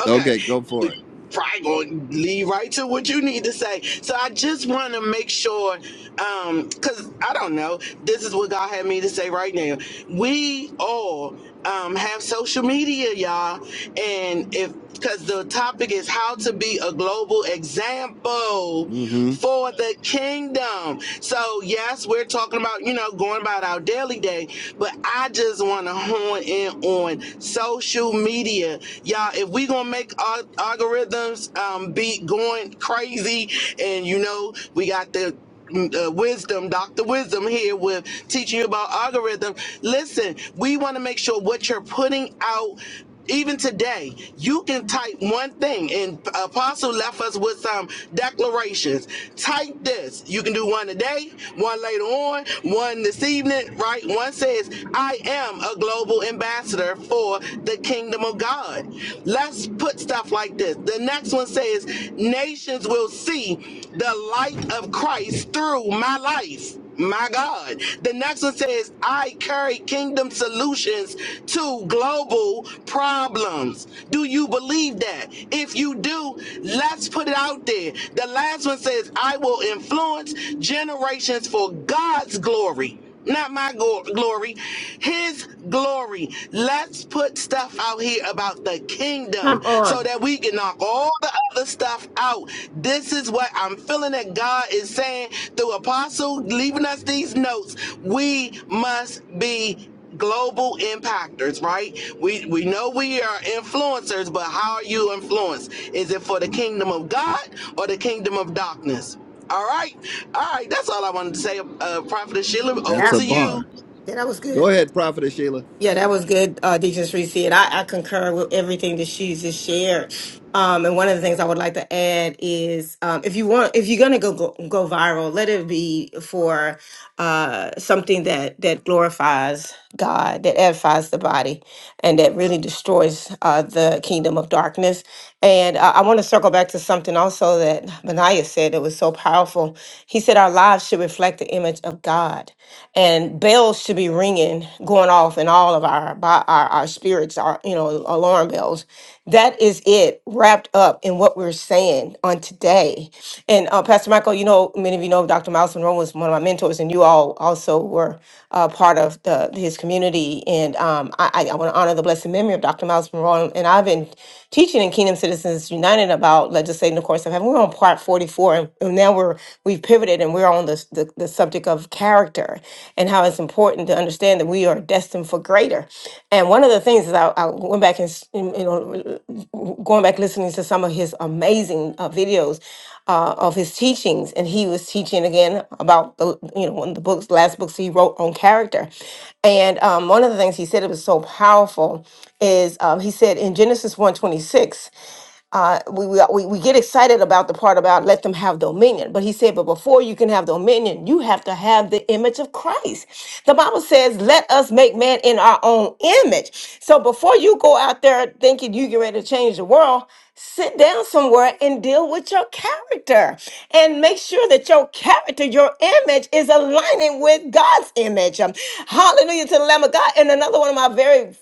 S3: Okay.
S1: okay, go for it.
S3: We Probably gonna lead right to what you need to say. So I just wanna make sure, um, cause I don't know, this is what God had me to say right now. We all um have social media, y'all. And if cause the topic is how to be a global example.
S1: hmm
S3: for the kingdom. So, yes, we're talking about, you know, going about our daily day, but I just want to hone in on social media. Y'all, if we going to make our algorithms um, be going crazy, and, you know, we got the mm, uh, wisdom, Dr. Wisdom here with teaching you about algorithm. Listen, we want to make sure what you're putting out even today, you can type one thing, and Apostle left us with some declarations. Type this. You can do one today, one later on, one this evening, right? One says, I am a global ambassador for the kingdom of God. Let's put stuff like this. The next one says, Nations will see the light of Christ through my life. My God. The next one says, I carry kingdom solutions to global problems. Do you believe that? If you do, let's put it out there. The last one says, I will influence generations for God's glory not my go- glory, his glory. Let's put stuff out here about the
S2: Come
S3: kingdom so
S2: on.
S3: that we can knock all the other stuff out. This is what I'm feeling that God is saying through Apostle, leaving us these notes. We must be global impactors right we we know we are influencers but how are you influenced is it for the kingdom of god or the kingdom of darkness all right. All right. That's all I wanted to say. Uh, Prophetess Sheila, over
S1: That's
S2: That,
S1: a
S3: to
S2: yeah,
S3: you.
S1: bar.
S2: that was
S1: Go
S2: good.
S1: ahead, Prophetess Sheila.
S2: Yeah, that was good, uh, Deacon Shreese. And I, I concur with everything that she just shared. Um, and one of the things I would like to add is um, if you want, if you're going to go, go go viral, let it be for uh, something that that glorifies God, that edifies the body and that really destroys uh, the kingdom of darkness. And uh, I want to circle back to something also that Benaiah said that was so powerful. He said our lives should reflect the image of God, and bells should be ringing, going off in all of our bo- our, our spirits, our you know alarm bells. That is it, wrapped up in what we're saying on today say. And uh, Pastor Michael, you know, many of you know Dr. Miles Monroe was one of my mentors, and you all also were uh, part of the, his community. And um, I, I want to honor the blessed memory of Dr. Miles Monroe. And I've been teaching in Kingdom Citizens United about legislating the course of heaven. We're on part 44, and, and now we're we've pivoted and we're on the, the the subject of character and how it's important to understand that we are destined for greater. And one of the things is I, I went back and, s- and, you know, going back listening to some of his amazing uh, videos uh, of his teachings, and he was teaching again about the, you know, one of the books, last books he wrote on character. And um, one of the things he said it was so powerful is um, he said in Genesis one twenty six uh, we, we, we we get excited about the part about let them have dominion. But he said, but before you can have dominion, you have to have the image of Christ. The Bible says, let us make man in our own image. So before you go out there thinking you get ready to change the world, sit down somewhere and deal with your character and make sure that your character, your image is aligning with God's image. Um, hallelujah to the Lamb of God. And another one of my very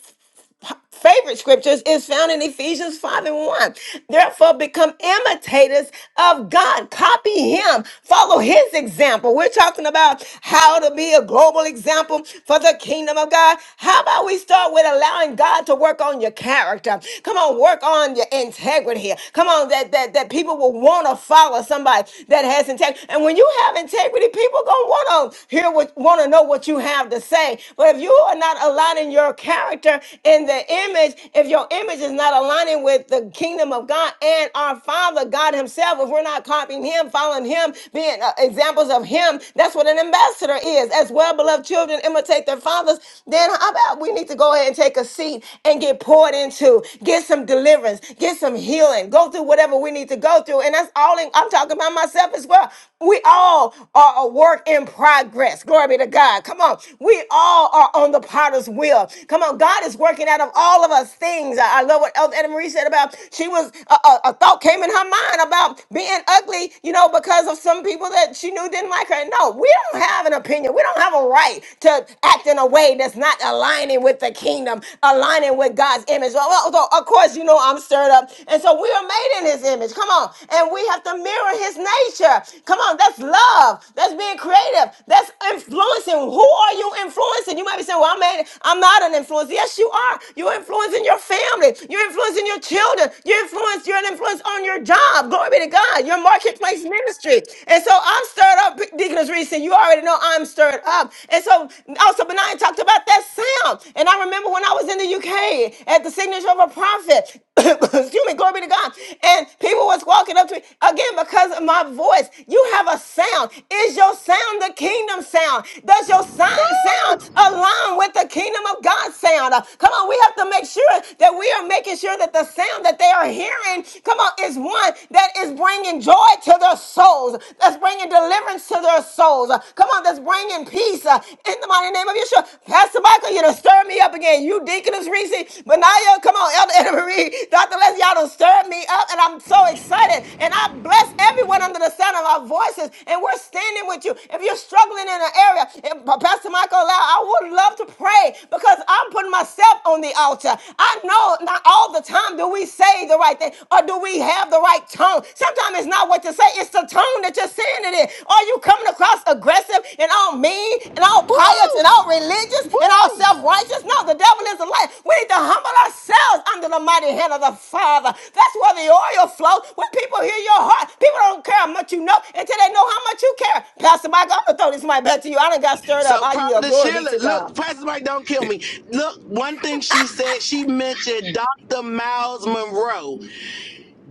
S2: favorite scriptures is found in Ephesians 5 and 1. Therefore, become imitators of God. Copy Him. Follow His example. We're talking about how to be a global example for the kingdom of God. How about we start with allowing God to work on your character? Come on, work on your integrity. Come on, that, that, that people will want to follow somebody that has integrity. And when you have integrity, people gonna want to hear what want to know what you have to say. But if you are not aligning your character in in the image, if your image is not aligning with the kingdom of God and our Father, God Himself, if we're not copying Him, following Him, being uh, examples of Him, that's what an ambassador is. As well, beloved children imitate their fathers, then how about we need to go ahead and take a seat and get poured into, get some deliverance, get some healing, go through whatever we need to go through. And that's all in, I'm talking about myself as well. We all are a work in progress. Glory be to God. Come on. We all are on the potter's wheel. Come on. God God is working out of all of us things. I I love what Elder Anna Marie said about she was a, a, a thought came in her mind about being ugly, you know, because of some people that she knew didn't like her. No, we don't have an opinion. We don't have a right to act in a way that's not aligning with the kingdom, aligning with God's image. Well, well, so, of course, you know I'm stirred up, and so we are made in His image. Come on, and we have to mirror His nature. Come on, that's love. That's being creative. That's influencing. Who are you influencing? You might be saying, "Well, I'm made. I'm not an influencer." influence. Yes, you are. You're influencing your family. You're influencing your children. You're influence. You're an influence on your job. Glory be to God. Your marketplace ministry. And so I'm stirred up, Deaconess Reese. You already know I'm stirred up. And so also Benai talked about that sound. And I remember when I was in the UK at the signature of a prophet. Excuse me, glory be to God. And people was walking up to me again because of my voice. You have a sound. Is your sound the kingdom sound? Does your si- sound align with the kingdom? kingdom of God sound. Uh, Come on, we have to make sure that we are making sure that the sound that they are hearing, come on, is one that is bringing joy to their souls, that's bringing deliverance to their souls. Uh, Come on, that's bringing peace uh, in the mighty name of Yeshua. Pastor Michael, you done stir me up again. You deaconess Reese, Benaya, come on, Elder Anna Marie, Dr. Leslie, y'all done stirred me up, and I'm so excited. And I bless everyone under the sound of our voices, and we're standing with you. If you're struggling in an area, if Pastor Michael allow, I would love to pray pray because I'm putting myself on the altar. I know not all the time do we say the right thing or do we have the right tone. Sometimes it's not what you say, it's the tone that you're saying it in. Are you coming across aggressive and all mean and all pious
S3: Woo!
S2: and all religious and all
S3: Woo!
S2: self righteous? No, the devil is a liar. We need to humble ourselves under the mighty hand of the Father. That's where the oil flows. When people hear your heart, people don't care how much you know until they know how much you care. Pastor Mike, I'm going to throw this mic back to you. I done got stirred up.
S3: So,
S2: I yield.
S3: Prophetess
S2: Glory be
S3: Sheila,
S2: to God.
S3: look, Pastor Mike, don't kill me. Look, one thing she said, she mentioned Dr. Miles Monroe.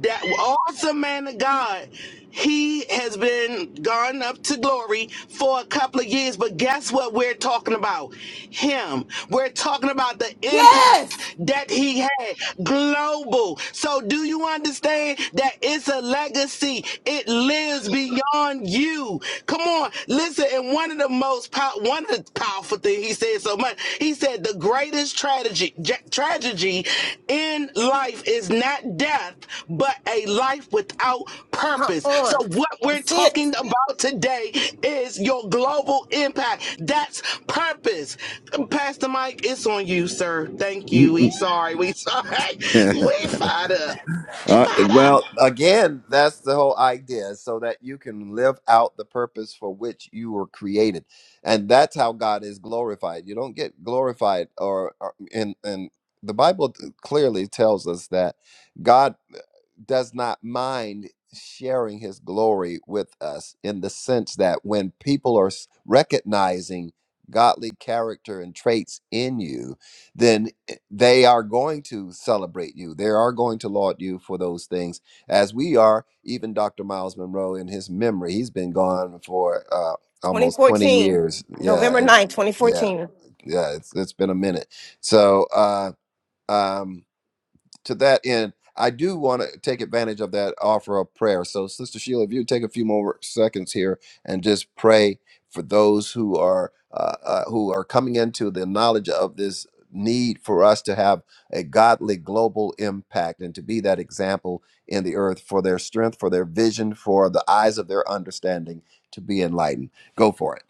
S3: that awesome man of God, he has been gone up to glory for a couple of years. But guess what we're talking about? Him. We're talking about the impact
S2: Yes.
S3: that he had global. So do you understand that it's a legacy? It lives beyond you. Come on, listen. And one of the most powerful one one of the powerful things he said so much. He said the greatest tragedy ja- tragedy in life is not death, but a life without
S2: Come
S3: purpose. So
S2: on.
S3: what we're
S2: That's it.
S3: talking about today is your global impact. That's purpose. Pastor Mike, it's on you, sir. Thank you. We
S1: Mm-mm.
S3: sorry. We sorry. We fired up. We
S1: Uh,
S3: fired up.
S1: well, again, that's the whole idea, so that you can live out the purpose for which you were created, and that's how God is glorified. You don't get glorified, or, or and and the Bible uh, clearly tells us that God. does not mind sharing his glory with us in the sense that when people are s- recognizing godly character and traits in you, then i- they are going to celebrate you. They are going to laud you for those things, as we are, even Dr. Miles Monroe in his memory. He's been gone for uh, almost 20
S2: 2014.
S1: years. Yeah.
S2: November
S1: it-
S2: 9th,
S1: yeah.
S2: 2014.
S1: Yeah. It's, it's been a minute. So, uh, um, to that end, I do want to take advantage of that offer of prayer. So, Sister Sheila, if you take a few more seconds here and just pray for those who are uh, uh, who are coming into the knowledge of this need for us to have a godly global impact and to be that example in the earth for their strength, for their vision, for the eyes of their understanding to be enlightened. Go for it.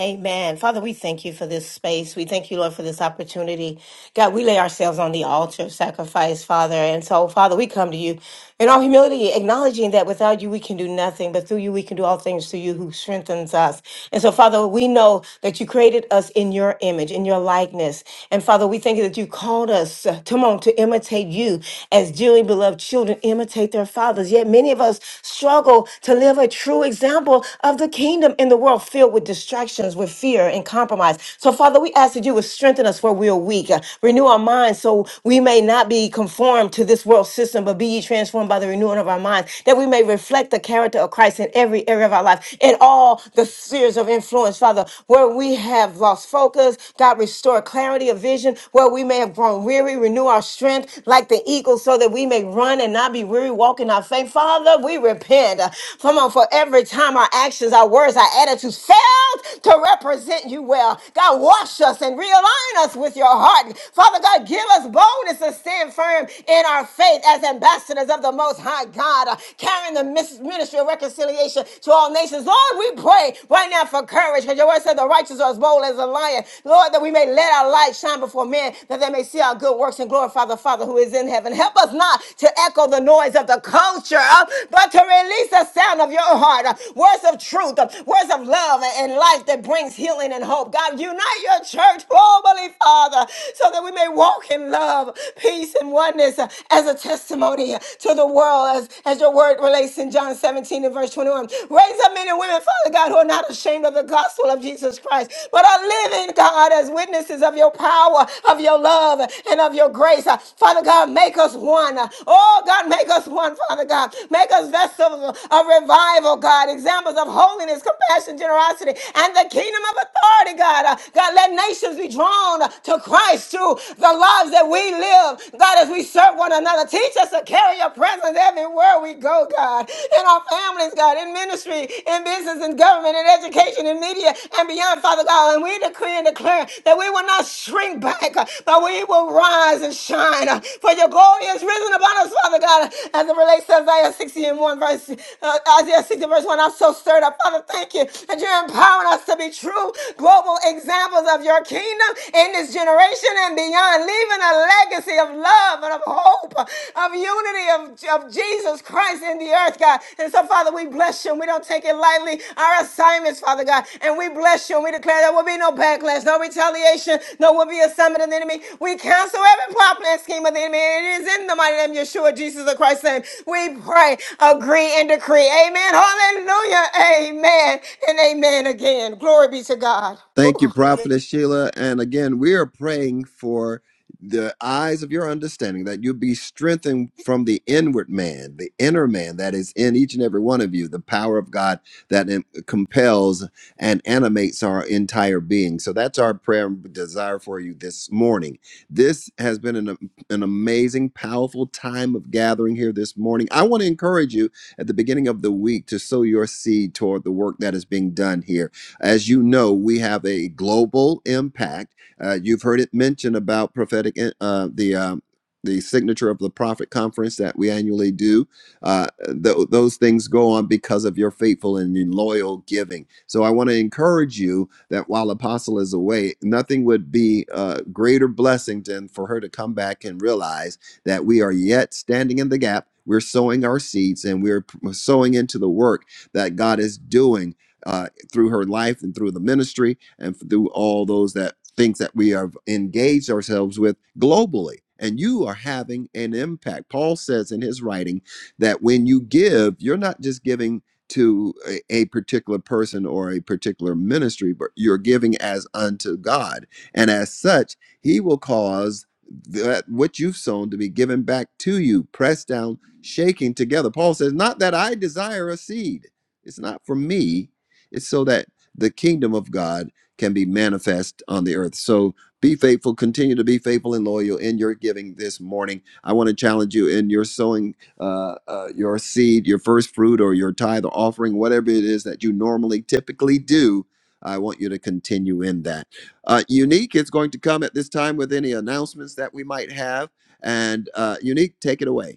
S2: Amen. Father, we thank you for this space. We thank you, Lord, for this opportunity. God, we lay ourselves on the altar of sacrifice, Father. And so, Father, we come to you in all humility, acknowledging that without you, we can do nothing, but through you, we can do all things through you who strengthens us. And so, Father, we know that you created us in your image, in your likeness. And Father, we thank you that you called us, uh, come on, to imitate you as dearly beloved children imitate their fathers. Yet many of us struggle struggle to live a true example of the kingdom in the world filled with distractions, with fear and compromise. So, Father, we ask that you would strengthen us where we are weak, uh, renew our minds so we may not be conformed to this world system, but be ye transformed by the renewing of our minds, that we may reflect the character of Christ in every area of our life, in all the spheres of influence, Father, where we have lost focus, God, restore clarity of vision, where we may have grown weary, renew our strength like the the eagles so that we may run and not be weary walking our faith. Father, we repent. Come on, for every time our actions, our words, our attitudes failed to represent you well. God, wash us and realign us with your heart. Father God, give us boldness to stand firm in our faith as ambassadors of the Most High God, uh, carrying the mis- ministry of reconciliation to all nations. Lord, we pray right now for courage because your word said the righteous are as bold as a lion. Lord, that we may we may let our light shine before men that they may see our good works and glorify the Father who is in heaven. Help us not to echo the noise of the culture, uh, but to release the sound of your heart, uh, words of truth, uh, words of love and life that brings healing and hope. God, unite your church, oh, Holy Father, so that we may walk in love, peace, and oneness uh, as a testimony to the world, as, as your word relates in John 17 and verse 21. Raise up men and women, Father God of God, who are not ashamed of the gospel of Jesus Christ, but are living, God, as witnesses of your power, of your love, and of your grace. Uh, Father God, make us one. Uh, Oh, God, make us one, Father God. Make us vessels of revival, God, examples of holiness, compassion, generosity, and the kingdom of authority, God. Uh, God, let nations be drawn to Christ through the lives that we live, God, as we serve one another. Teach us to carry your presence everywhere everywhere we go, God, in our families, God, in ministry, in business, in government, in education, in media, and beyond, Father God. And we decree and declare that we will not shrink back, uh, but we will rise and shine. uh, For your glory is risen upon us, Father God, as it relates to Isaiah 60 and 1, verse, uh, Isaiah 60, verse 1. I'm so stirred up. Father, thank you that you're empowering us to be true global examples of your kingdom in this generation and beyond, leaving us leaving a legacy of love and of hope, of unity of, of Jesus Christ in the earth, God. And so, Father, we bless you and we don't take it lightly. Our assignments, Father God, and we bless you and we declare there will be no backlash, no retaliation, no will be a summit of the enemy. We cancel every plot plan scheme of the enemy. And it is in the mighty name of Yeshua, Jesus of Christ's name. We pray, agree, and decree. Amen. Hallelujah. Amen. And amen again. Glory be to God.
S1: Thank
S2: Whew.
S1: you, Prophetess Sheila. And again, we are praying for the eyes of your understanding that you be strengthened from the inward man, the inner man that is in each and every one of you, the power of God that em- compels and animates our entire being. So that's our prayer and desire for you this morning. This has been an, am- an amazing, powerful time of gathering here this morning. I want to encourage you at the beginning of the week to sow your seed toward the work that is being done here as you know, we have a global impact. Uh, you've heard it mentioned about prophetic, uh, the um, the signature of the prophet conference that we annually do. Uh, th- those things go on because of your faithful and your loyal giving. So I want to encourage you that while Apostle is away, nothing would be a greater blessing than for her to come back and realize that we are yet standing in the gap. We're sowing our seeds and we're p- sowing into the work that God is doing. uh, through her life and through the ministry and through all those that things that we have engaged ourselves with globally. And you are having an impact. Paul says in his writing that when you give, you're not just giving to a, a particular person or a particular ministry, but you're giving as unto God. And as such, he will cause that what you've sown to be given back to you, pressed down, shaking together. Paul says, Not that I desire a seed. It's not for me, it's so that the kingdom of God can be manifest on the earth. So be faithful, continue to be faithful and loyal in your giving this morning. I want to challenge you in your sowing uh, uh, your seed, your first fruit, or your tithe or offering, whatever it is that you normally typically do. I want you to continue in that. Uh, Unique is going to come at this time with any announcements that we might have. And uh, Unique, take it away.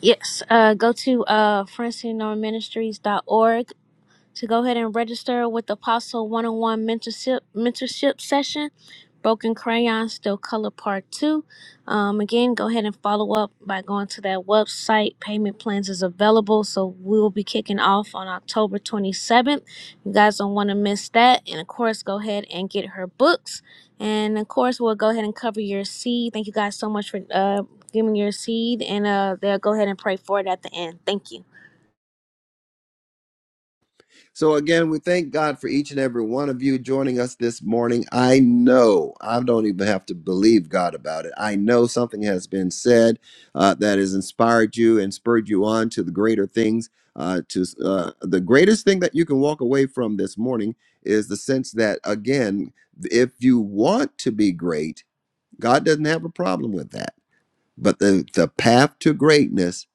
S7: Yes, uh, go to uh, francineministries.org to go ahead and register with the Apostle One on One Mentorship Mentorship Session. Broken Crayons Still Color Part 2. Um, again, go ahead and follow up by going to that website. Payment plans is available, so we will be kicking off on October 27th. You guys don't want to miss that. And of course, go ahead and get her books. And of course, we'll go ahead and cover your seed. Thank you guys so much for uh, giving your seed, and uh, they'll go ahead and pray for it at the end. Thank you.
S1: So, again, we thank God for each and every one of you joining us this morning. I know, I don't even have to believe God about it. I know something has been said uh, that has inspired you and spurred you on to the greater things. Uh, to uh, the greatest thing that you can walk away from this morning is the sense that, again, if you want to be great, God doesn't have a problem with that. But the, the path to greatness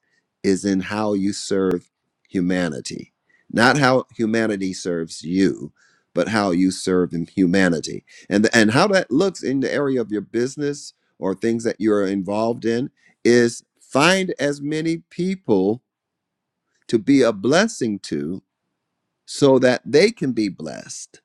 S1: is in how you serve humanity, not how humanity serves you, but how you serve in humanity. And, and how that looks in the area of your business or things that you're involved in is find as many people to be a blessing to so that they can be blessed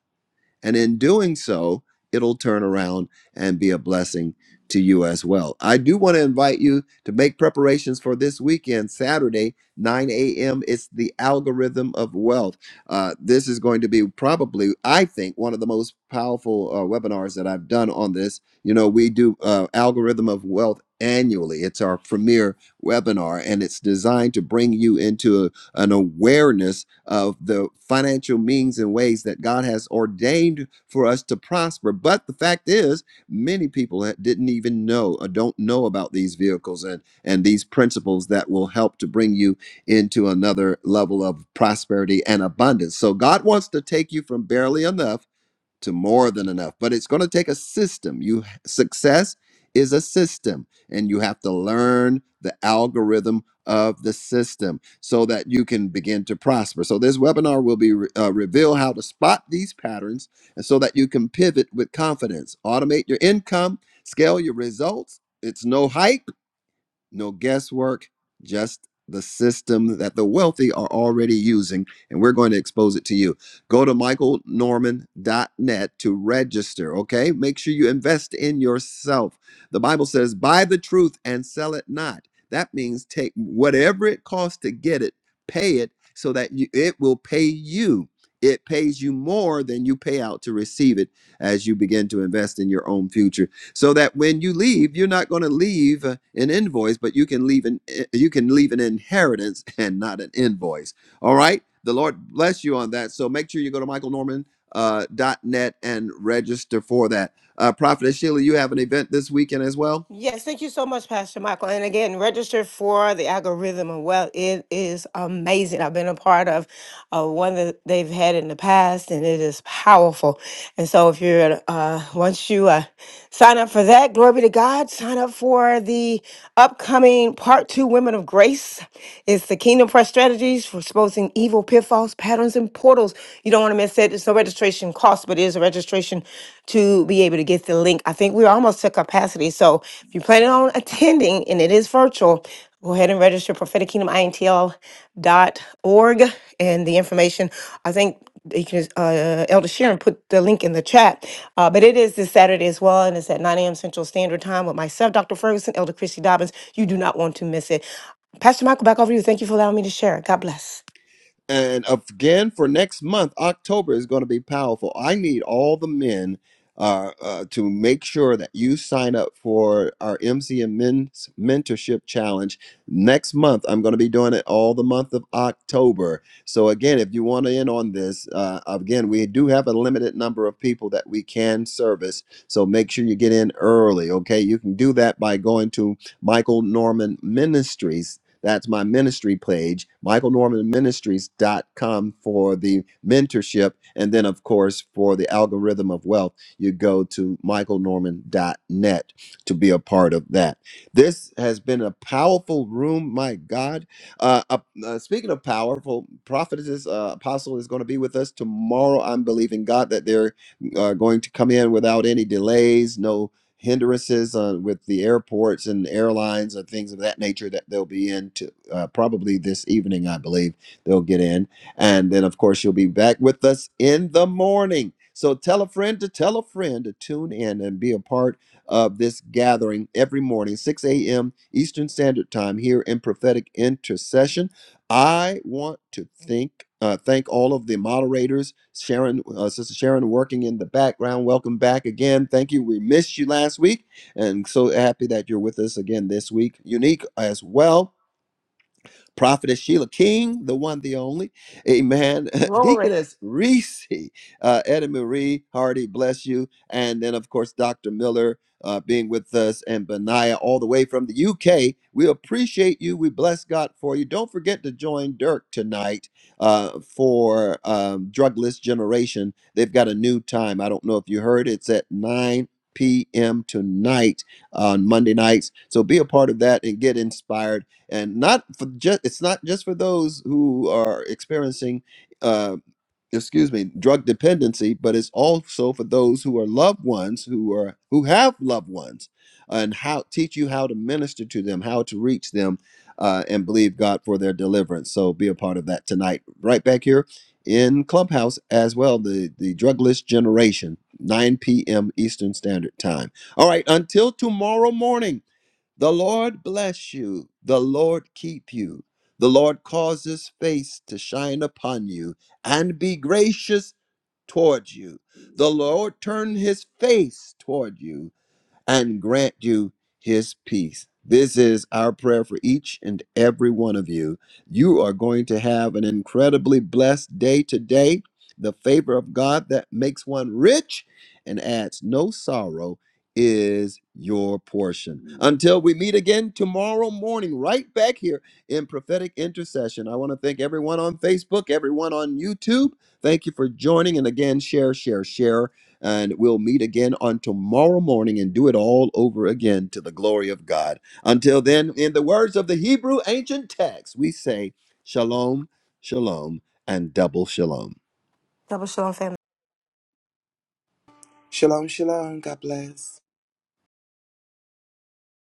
S1: and in doing so, it'll turn around and be a blessing to you as well. I do want to invite you to make preparations for this weekend, Saturday, 9 a.m. It's the algorithm of wealth. Uh, this is going to be probably, I think, one of the most powerful uh, webinars that I've done on this. You know, we do uh, algorithm of wealth annually. It's our premier webinar, and it's designed to bring you into a- an awareness of the financial means and ways that God has ordained for us to prosper. But the fact is, many people that didn't even know or don't know about these vehicles and, and these principles that will help to bring you into another level of prosperity and abundance. So God wants to take you from barely enough to more than enough. But it's going to take a system. You success is a system and you have to learn the algorithm of the system so that you can begin to prosper. So this webinar will be re- uh, reveal how to spot these patterns and so that you can pivot with confidence, automate your income, scale your results. It's no hike no guesswork, just the system that the wealthy are already using, and we're going to expose it to you. Go to michaelnorman.net to register, okay? Make sure you invest in yourself. The Bible says, buy the truth and sell it not. That means take whatever it costs to get it, pay it so that you, it will pay you. It pays you more than you pay out to receive it as you begin to invest in your own future so that when you leave you're not going to leave uh, an invoice but you can leave an eh, you can leave an inheritance and not an invoice all right the lord bless you on that so make sure you go to michaelnorman uh, dot net uh, and register for that uh, prophet sheila you have an event this weekend as well
S2: Yes, thank you so much, Pastor Michael. And again, register for the algorithm. And well, it is amazing. I've been a part of uh, one that they've had in the past, and it is powerful. And so, if you're uh, once you uh, sign up for that, glory be to God. Sign up for the upcoming part two, Women of Grace. It's the Kingdom Press strategies for exposing evil pitfalls, patterns, and portals. You don't want to miss it. It's no registration cost, but it is a registration to be able to get the link. I think we're almost to capacity. So if you're planning on attending and it is virtual, go ahead and register prophetic kingdom intl dot org and the information. I think you can, uh, Elder Sharon put the link in the chat. Uh, but it is this Saturday as well, and it's at 9 a.m. Central Standard Time with myself, Dr. Ferguson, Elder Christy Dobbins. You do not want to miss it. Pastor Michael, back over to you. Thank you for allowing me to share. God bless.
S1: And again, for next month, October is going to be powerful. I need all the men uh, uh, to make sure that you sign up for our MCM Men's Mentorship Challenge next month. I'm going to be doing it all the month of October. So, again, if you want to in on this, uh, again, we do have a limited number of people that we can service. So, make sure you get in early, okay? You can do that by going to Michael Norman Ministries. That's my ministry page, michaelnormanministries.com for the mentorship. And then, of course, for the algorithm of wealth, you go to michaelnorman.net to be a part of that. This has been a powerful room, my God. Uh, uh, uh, speaking of powerful, prophetess uh, apostle is going to be with us tomorrow. I'm believing God that they're uh, going to come in without any delays, no hindrances uh, with the airports and airlines and things of that nature that they'll be in to, uh, probably this evening, I believe they'll get in. And then, of course, you'll be back with us in the morning. So tell a friend to tell a friend to tune in and be a part of this gathering every morning, 6 a.m. Eastern Standard Time here in Prophetic Intercession. I want to thank uh, thank all of the moderators, Sharon, uh, Sister Sharon, working in the background. Welcome back again. Thank you. We missed you last week, and so happy that you're with us again this week. Unique as well. Prophetess Sheila King, the one, the only. Amen. Deaconess Reese, uh, Etta Marie Hardy, bless you. And then, of course, Dr. Miller uh, being with us and Benaiah all the way from the UK. We appreciate you. We bless God for you. Don't forget to join Dirk tonight uh, for um, Drugless Generation. They've got a new time. I don't know if you heard. It's at 9 p.m. tonight on Monday nights. So be a part of that and get inspired and not for just it's not just for those who are experiencing uh excuse me drug dependency but it's also for those who are loved ones who are who have loved ones and how teach you how to minister to them how to reach them uh, and believe god for their deliverance so be a part of that tonight right back here in clubhouse as well the the drugless generation 9 p.m eastern standard time all right until tomorrow morning the Lord bless you. The Lord keep you. The Lord cause his face to shine upon you and be gracious toward you. The Lord turn his face toward you and grant you his peace. This is our prayer for each and every one of you. You are going to have an incredibly blessed day today. The favor of God that makes one rich and adds no sorrow is your portion. Until we meet again tomorrow morning, right back here in prophetic intercession. I want to thank everyone on Facebook, everyone on YouTube. Thank you for joining. And again, share, share, share and we'll meet again on tomorrow morning and do it all over again to the glory of God. Until then, in the words of the Hebrew ancient text, we say, Shalom, Shalom, and double Shalom.
S2: Double shalom, family.
S5: Shalom, shalom. God bless.